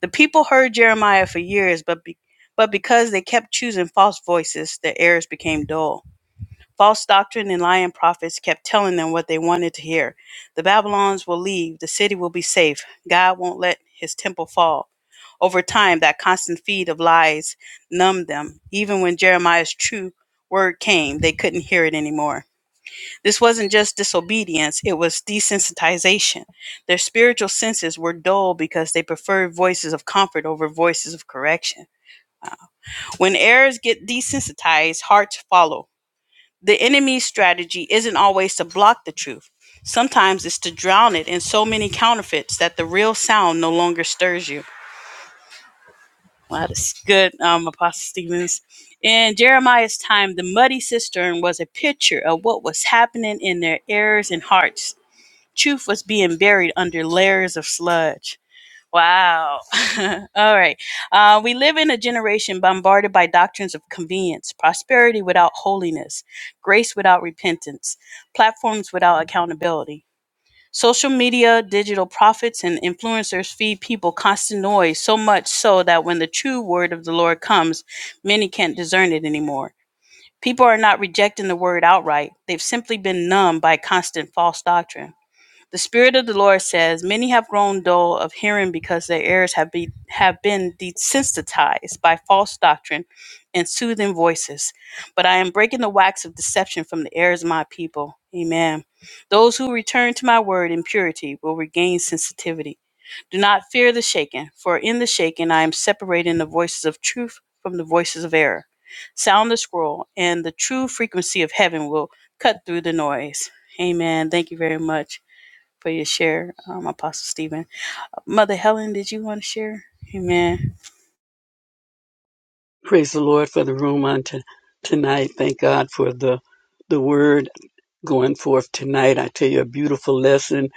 A: The people heard Jeremiah for years, but, be- but because they kept choosing false voices, their ears became dull. False doctrine and lying prophets kept telling them what they wanted to hear. The Babylons will leave, the city will be safe, God won't let his temple fall. Over time, that constant feed of lies numbed them. Even when Jeremiah's true word came, they couldn't hear it anymore. This wasn't just disobedience, it was desensitization. Their spiritual senses were dull because they preferred voices of comfort over voices of correction. When errors get desensitized, hearts follow. The enemy's strategy isn't always to block the truth. Sometimes it's to drown it in so many counterfeits that the real sound no longer stirs you. Well, that is good, um, Apostle Stevens. In Jeremiah's time, the muddy cistern was a picture of what was happening in their ears and hearts. Truth was being buried under layers of sludge. Wow. All right. Uh, we live in a generation bombarded by doctrines of convenience, prosperity without holiness, grace without repentance, platforms without accountability. Social media, digital prophets, and influencers feed people constant noise, so much so that when the true word of the Lord comes, many can't discern it anymore. People are not rejecting the word outright, they've simply been numbed by constant false doctrine. The Spirit of the Lord says, Many have grown dull of hearing because their ears have, be, have been desensitized by false doctrine and soothing voices. But I am breaking the wax of deception from the ears of my people. Amen. Those who return to my word in purity will regain sensitivity. Do not fear the shaken, for in the shaken I am separating the voices of truth from the voices of error. Sound the scroll, and the true frequency of heaven will cut through the noise. Amen. Thank you very much for your share, um, Apostle Stephen. Mother Helen, did you want to share? Amen.
D: Praise the Lord for the room on t- tonight. Thank God for the the word going forth tonight. I tell you a beautiful lesson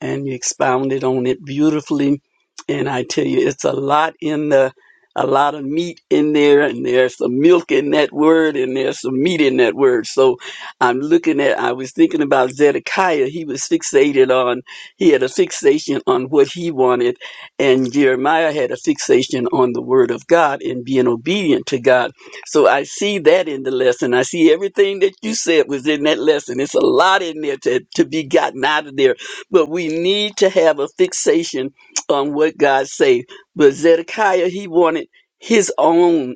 D: and you expounded on it beautifully. And I tell you, it's a lot in the, a lot of meat in there and there's some milk in that word and there's some meat in that word. So I'm looking at, I was thinking about Zedekiah. He was fixated on, he had a fixation on what he wanted. And Jeremiah had a fixation on the word of God and being obedient to God so I see that in the lesson. I see everything that you said was in that lesson. It's a lot in there to, to be gotten out of there. But we need to have a fixation on what God says. But Zedekiah, he wanted his own.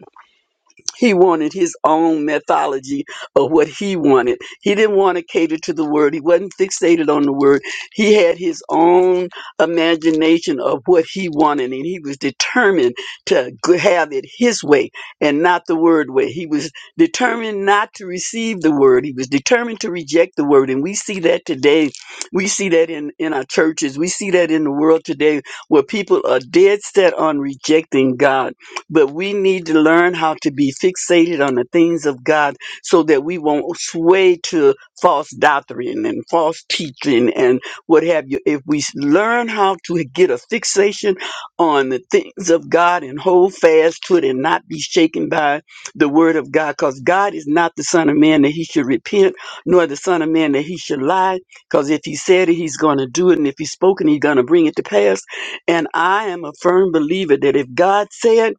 D: He wanted his own mythology of what he wanted. He didn't want to cater to the word. He wasn't fixated on the word. He had his own imagination of what he wanted, and he was determined to g- have it his way and not the word way. He was determined not to receive the word. He was determined to reject the word. And we see that today. We see that in, in our churches. We see that in the world today where people are dead set on rejecting God but we need to learn how to be fixated on the things of God so that we won't sway to false doctrine and false teaching and what have you. If we s- learn how to get a fixation on the things of God and hold fast to it and not be shaken by the word of God, because God is not the Son of Man that he should repent, nor the Son of Man that he should lie, because if he said it, he's going to do it, and if he's spoken, he's going to bring it to pass. And I am a firm believer that if God said,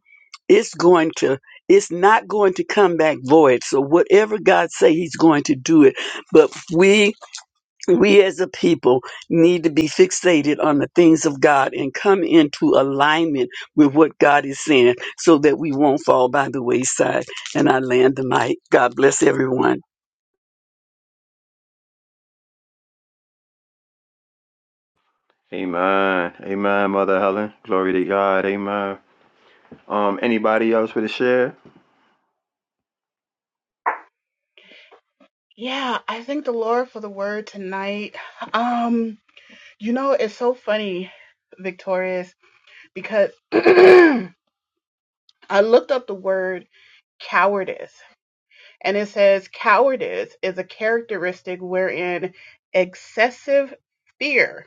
D: it's going to it's not going to come back void so whatever god say he's going to do it but we we as a people need to be fixated on the things of god and come into alignment with what god is saying so that we won't fall by the wayside and i land the mic god bless everyone
C: Amen. Amen, Mother Helen. Glory to God. Amen. Um, anybody else with a share?
E: Yeah, I thank the Lord for the word tonight. Um, you know, it's so funny, Victorious, because I looked up the word cowardice, and it says cowardice is a characteristic wherein excessive fear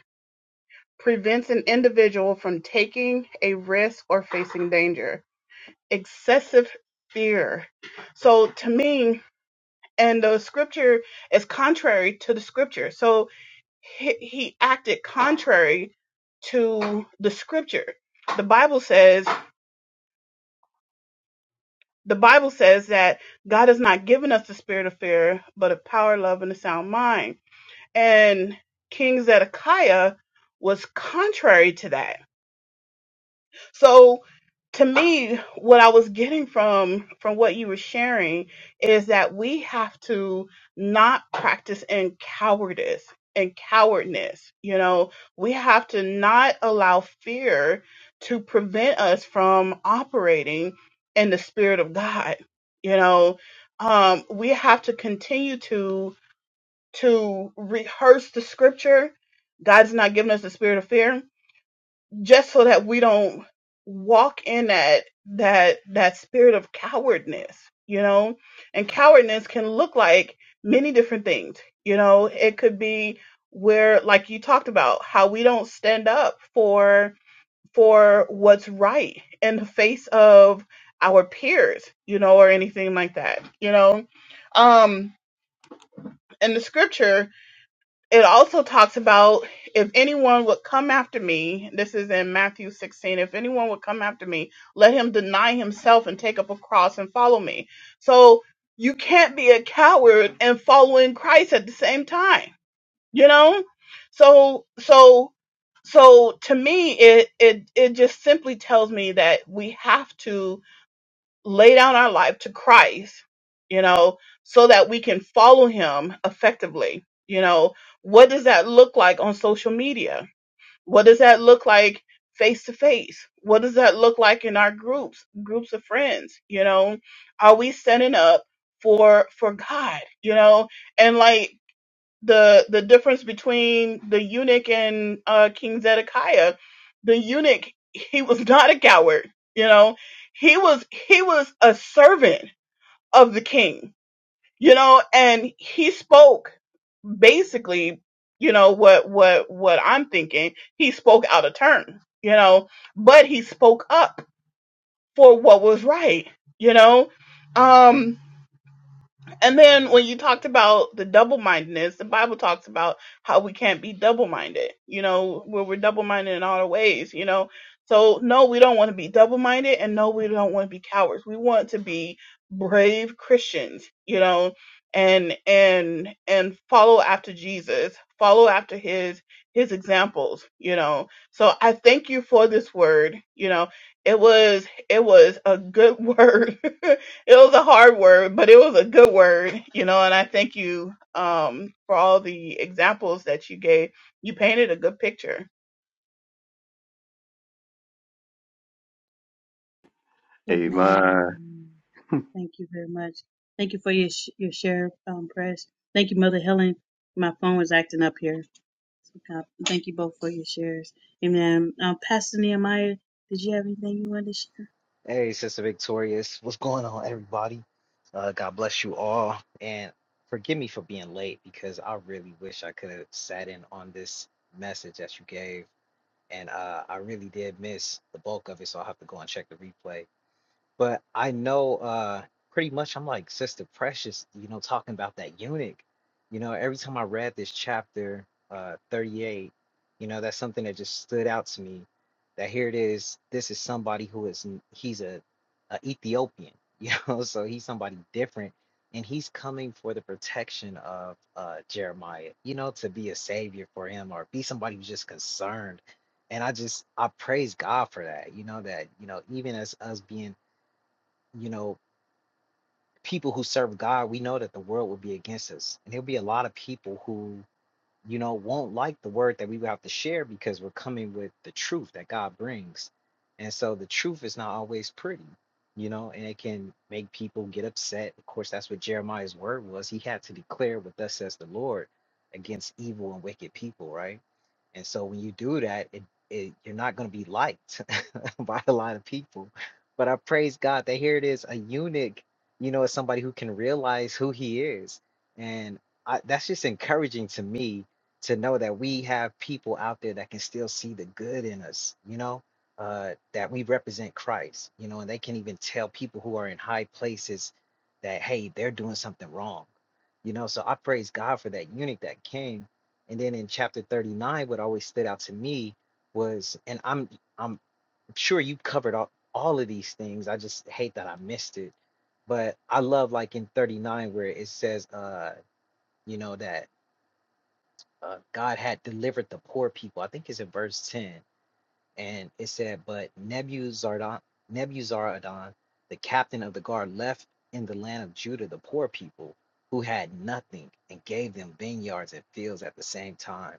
E: prevents an individual from taking a risk or facing danger. Excessive fear. So to me, and the scripture is contrary to the scripture. So he, he acted contrary to the scripture. The Bible says the Bible says that God has not given us the spirit of fear, but of power, love, and a sound mind. And King Zedekiah was contrary to that So to me, what I was getting from from what you were sharing is that we have to not practice in cowardice and cowardness. You know, we have to not allow fear to prevent us from operating in the spirit of God. You know, um, we have to continue to to rehearse the scripture. God's not giving us the spirit of fear just so that we don't walk in that that that spirit of cowardness you know and cowardness can look like many different things you know it could be where like you talked about how we don't stand up for for what's right in the face of our peers you know or anything like that you know um in the scripture it also talks about if anyone would come after me, this is in Matthew 16, if anyone would come after me, let him deny himself and take up a cross and follow me. So you can't be a coward and following Christ at the same time, you know? So, so, so to me, it, it, it just simply tells me that we have to lay down our life to Christ, you know, so that we can follow him effectively. You know, what does that look like on social media? What does that look like face to face? What does that look like in our groups, groups of friends? You know, are we setting up for for God? You know, and like the the difference between the eunuch and uh, King Zedekiah. The eunuch, he was not a coward. You know, he was he was a servant of the king. You know, and he spoke basically, you know what what what I'm thinking. He spoke out of turn. You know, but he spoke up for what was right. You know, um and then when you talked about the double mindedness, the Bible talks about how we can't be double minded, you know, where we're double minded in all our ways, you know. So, no, we don't want to be double minded, and no, we don't want to be cowards. We want to be brave Christians, you know, and and and follow after Jesus, follow after his his examples, you know. So I thank you for this word, you know. It was it was a good word it was a hard word, but it was a good word, you know. And I thank you um, for all the examples that you gave. You painted a good picture
C: Amen.
A: Amen. Thank you very much. Thank you for your sh- your share, um, press. Thank you, Mother Helen. My phone was acting up here. So, God, thank you both for your shares. Amen. Um, Pastor Nehemiah, did you have anything you wanted to share?
F: Hey, Sister Victorious. What's going on, everybody? Uh, God bless you all. And forgive me for being late because I really wish I could have sat in on this message that you gave. And uh, I really did miss the bulk of it, so I'll have to go and check the replay. But I know uh pretty much I'm like Sister Precious, you know, talking about that eunuch. You know, every time I read this chapter uh 38, you know, that's something that just stood out to me. That here it is, this is somebody who is n- he's a, a Ethiopian, you know, so he's somebody different and he's coming for the protection of uh Jeremiah, you know, to be a savior for him or be somebody who's just concerned. And I just I praise God for that, you know, that, you know, even as us being you know, people who serve God, we know that the world will be against us. And there'll be a lot of people who, you know, won't like the word that we will have to share because we're coming with the truth that God brings. And so the truth is not always pretty, you know, and it can make people get upset. Of course, that's what Jeremiah's word was. He had to declare what thus says the Lord against evil and wicked people, right? And so when you do that, it, it you're not going to be liked by a lot of people. But I praise God that here it is a eunuch, you know, is somebody who can realize who he is. And I, that's just encouraging to me to know that we have people out there that can still see the good in us, you know, uh, that we represent Christ, you know, and they can even tell people who are in high places that, hey, they're doing something wrong, you know. So I praise God for that eunuch that came. And then in chapter 39, what always stood out to me was, and I'm I'm I'm sure you covered all, all of these things. I just hate that I missed it. But I love like in 39 where it says uh you know that uh God had delivered the poor people. I think it's in verse 10. And it said, But Nebuzaradan Nebuzaradan, the captain of the guard, left in the land of Judah the poor people who had nothing and gave them vineyards and fields at the same time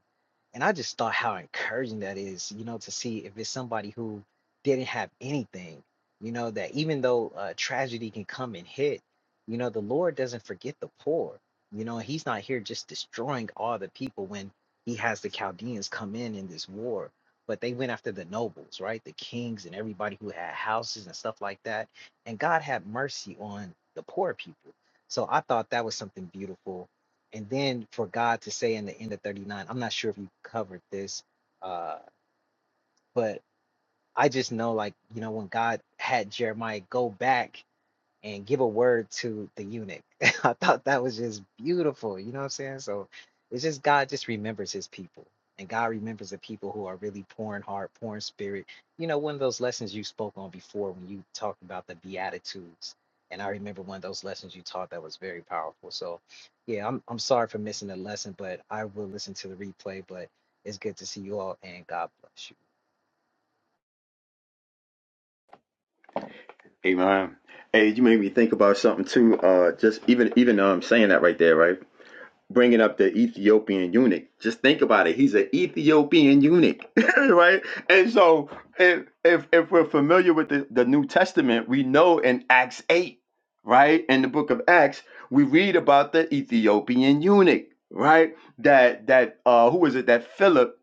F: and I just thought how encouraging that is, you know, to see if it's somebody who didn't have anything, you know, that even though uh, tragedy can come and hit, you know, the Lord doesn't forget the poor. You know, He's not here just destroying all the people when He has the Chaldeans come in in this war. But they went after the nobles, right? The kings and everybody who had houses and stuff like that. And God had mercy on the poor people. So I thought that was something beautiful and then for God to say in the end of 39, I'm not sure if you covered this, uh, but I just know, like, you know, when God had Jeremiah go back and give a word to the eunuch. I thought that was just beautiful. You know what I'm saying? So it's just God just remembers his people. And God remembers the people who are really poor in heart, poor in spirit. You know, one of those lessons you spoke on before when you talked about the Beatitudes. And I remember one of those lessons you taught that was very powerful. So yeah, I'm I'm sorry for missing the lesson, but I will listen to the replay. But it's good to see you all and God bless you.
C: Amen. Hey, you made me think about something too. Uh, just even even um saying that right there, right? bringing up the Ethiopian eunuch. Just think about it. He's an Ethiopian eunuch, right? And so, if if, if we're familiar with the, the New Testament, we know in Acts eight, right, in the book of Acts, we read about the Ethiopian eunuch, right? That that uh, who was it? That Philip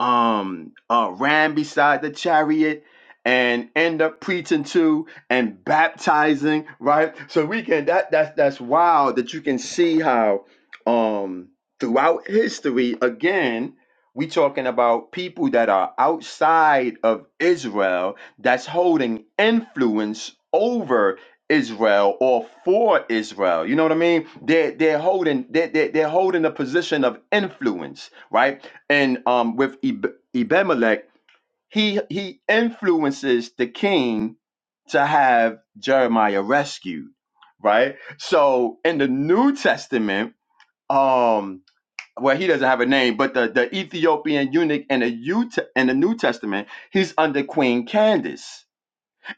C: um uh ran beside the chariot and end up preaching to and baptizing right so we can that that's that's wild that you can see how um throughout history again we talking about people that are outside of israel that's holding influence over israel or for israel you know what i mean they're they're holding they're, they're, they're holding a position of influence right and um, with Eb- Ebemelech, he he influences the king to have Jeremiah rescued, right? So in the New Testament, um, well, he doesn't have a name, but the, the Ethiopian eunuch in the Ut- in the New Testament, he's under Queen Candace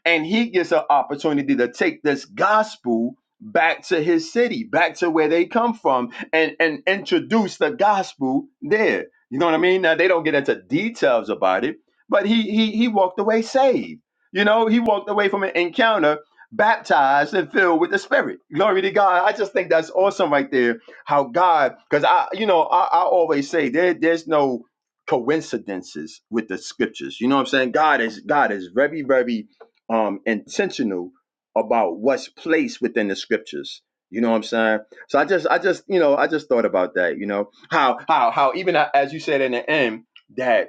C: and he gets an opportunity to take this gospel back to his city, back to where they come from, and and introduce the gospel there. You know what I mean? Now they don't get into details about it, but he he he walked away saved. You know, he walked away from an encounter baptized and filled with the spirit glory to god i just think that's awesome right there how god because i you know i, I always say there, there's no coincidences with the scriptures you know what i'm saying god is god is very very um, intentional about what's placed within the scriptures. You know what I'm saying? So I just, I just, you know, I just thought about that. You know how, how, how even uh, as you said in the end that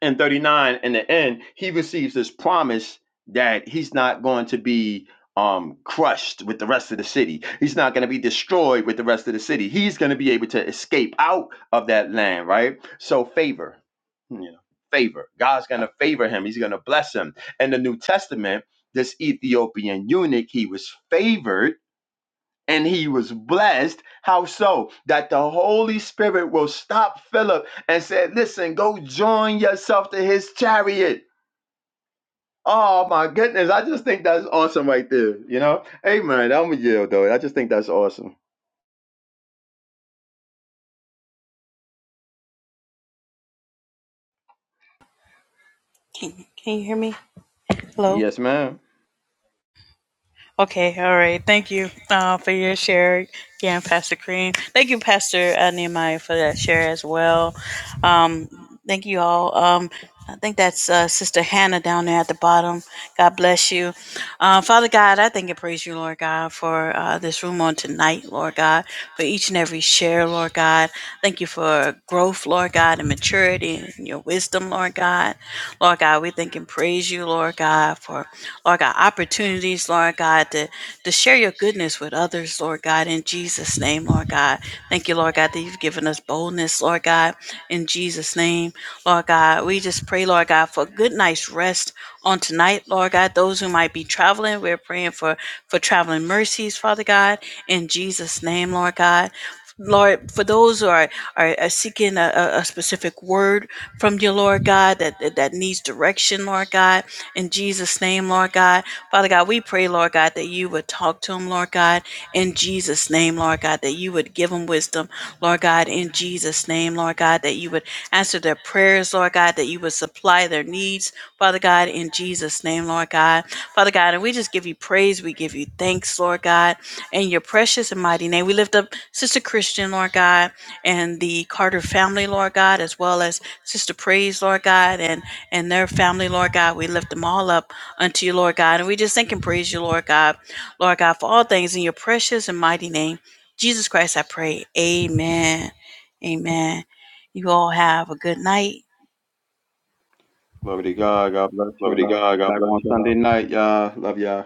C: and 39 in the end he receives this promise that he's not going to be um crushed with the rest of the city he's not going to be destroyed with the rest of the city he's going to be able to escape out of that land right so favor you know favor god's going to favor him he's going to bless him in the new testament this ethiopian eunuch he was favored and he was blessed. How so? That the Holy Spirit will stop Philip and said, Listen, go join yourself to his chariot. Oh my goodness. I just think that's awesome right there. You know? Amen. I'm a yield though. I just think that's awesome.
A: Can, can you hear me? Hello.
C: Yes, ma'am.
A: Okay, all right. Thank you uh, for your share again, Pastor Cream. Thank you, Pastor uh, Nehemiah, for that share as well. Um, thank you all. Um, I think that's uh, Sister Hannah down there at the bottom. God bless you. Uh, Father God, I thank and praise you, Lord God, for uh, this room on tonight, Lord God, for each and every share, Lord God. Thank you for growth, Lord God, and maturity and your wisdom, Lord God. Lord God, we thank and praise you, Lord God, for Lord God opportunities, Lord God, to, to share your goodness with others, Lord God, in Jesus' name, Lord God. Thank you, Lord God, that you've given us boldness, Lord God, in Jesus' name. Lord God, we just pray, Lord God, for a good night's rest on tonight, Lord God. Those who might be traveling, we're praying for for traveling mercies, Father God, in Jesus' name, Lord God. Lord, for those who are, are, are seeking a, a a specific word from you, Lord God, that, that, that needs direction, Lord God, in Jesus' name, Lord God. Father God, we pray, Lord God, that you would talk to them, Lord God, in Jesus' name, Lord God, that you would give them wisdom, Lord God, in Jesus' name, Lord God, that you would answer their prayers, Lord God, that you would supply their needs, Father God, in Jesus' name, Lord God. Father God, and we just give you praise, we give you thanks, Lord God. In your precious and mighty name, we lift up Sister Christian, Lord God, and the Carter family, Lord God, as well as Sister Praise, Lord God, and and their family, Lord God. We lift them all up unto you, Lord God, and we just thank and praise you, Lord God, Lord God, for all things in your precious and mighty name, Jesus Christ. I pray, Amen, Amen. You all have a good night.
C: Glory to God. God bless
A: Glory to
C: y'all.
A: God. God
C: Back
A: bless
C: on
A: you.
C: Sunday night, y'all. Love y'all.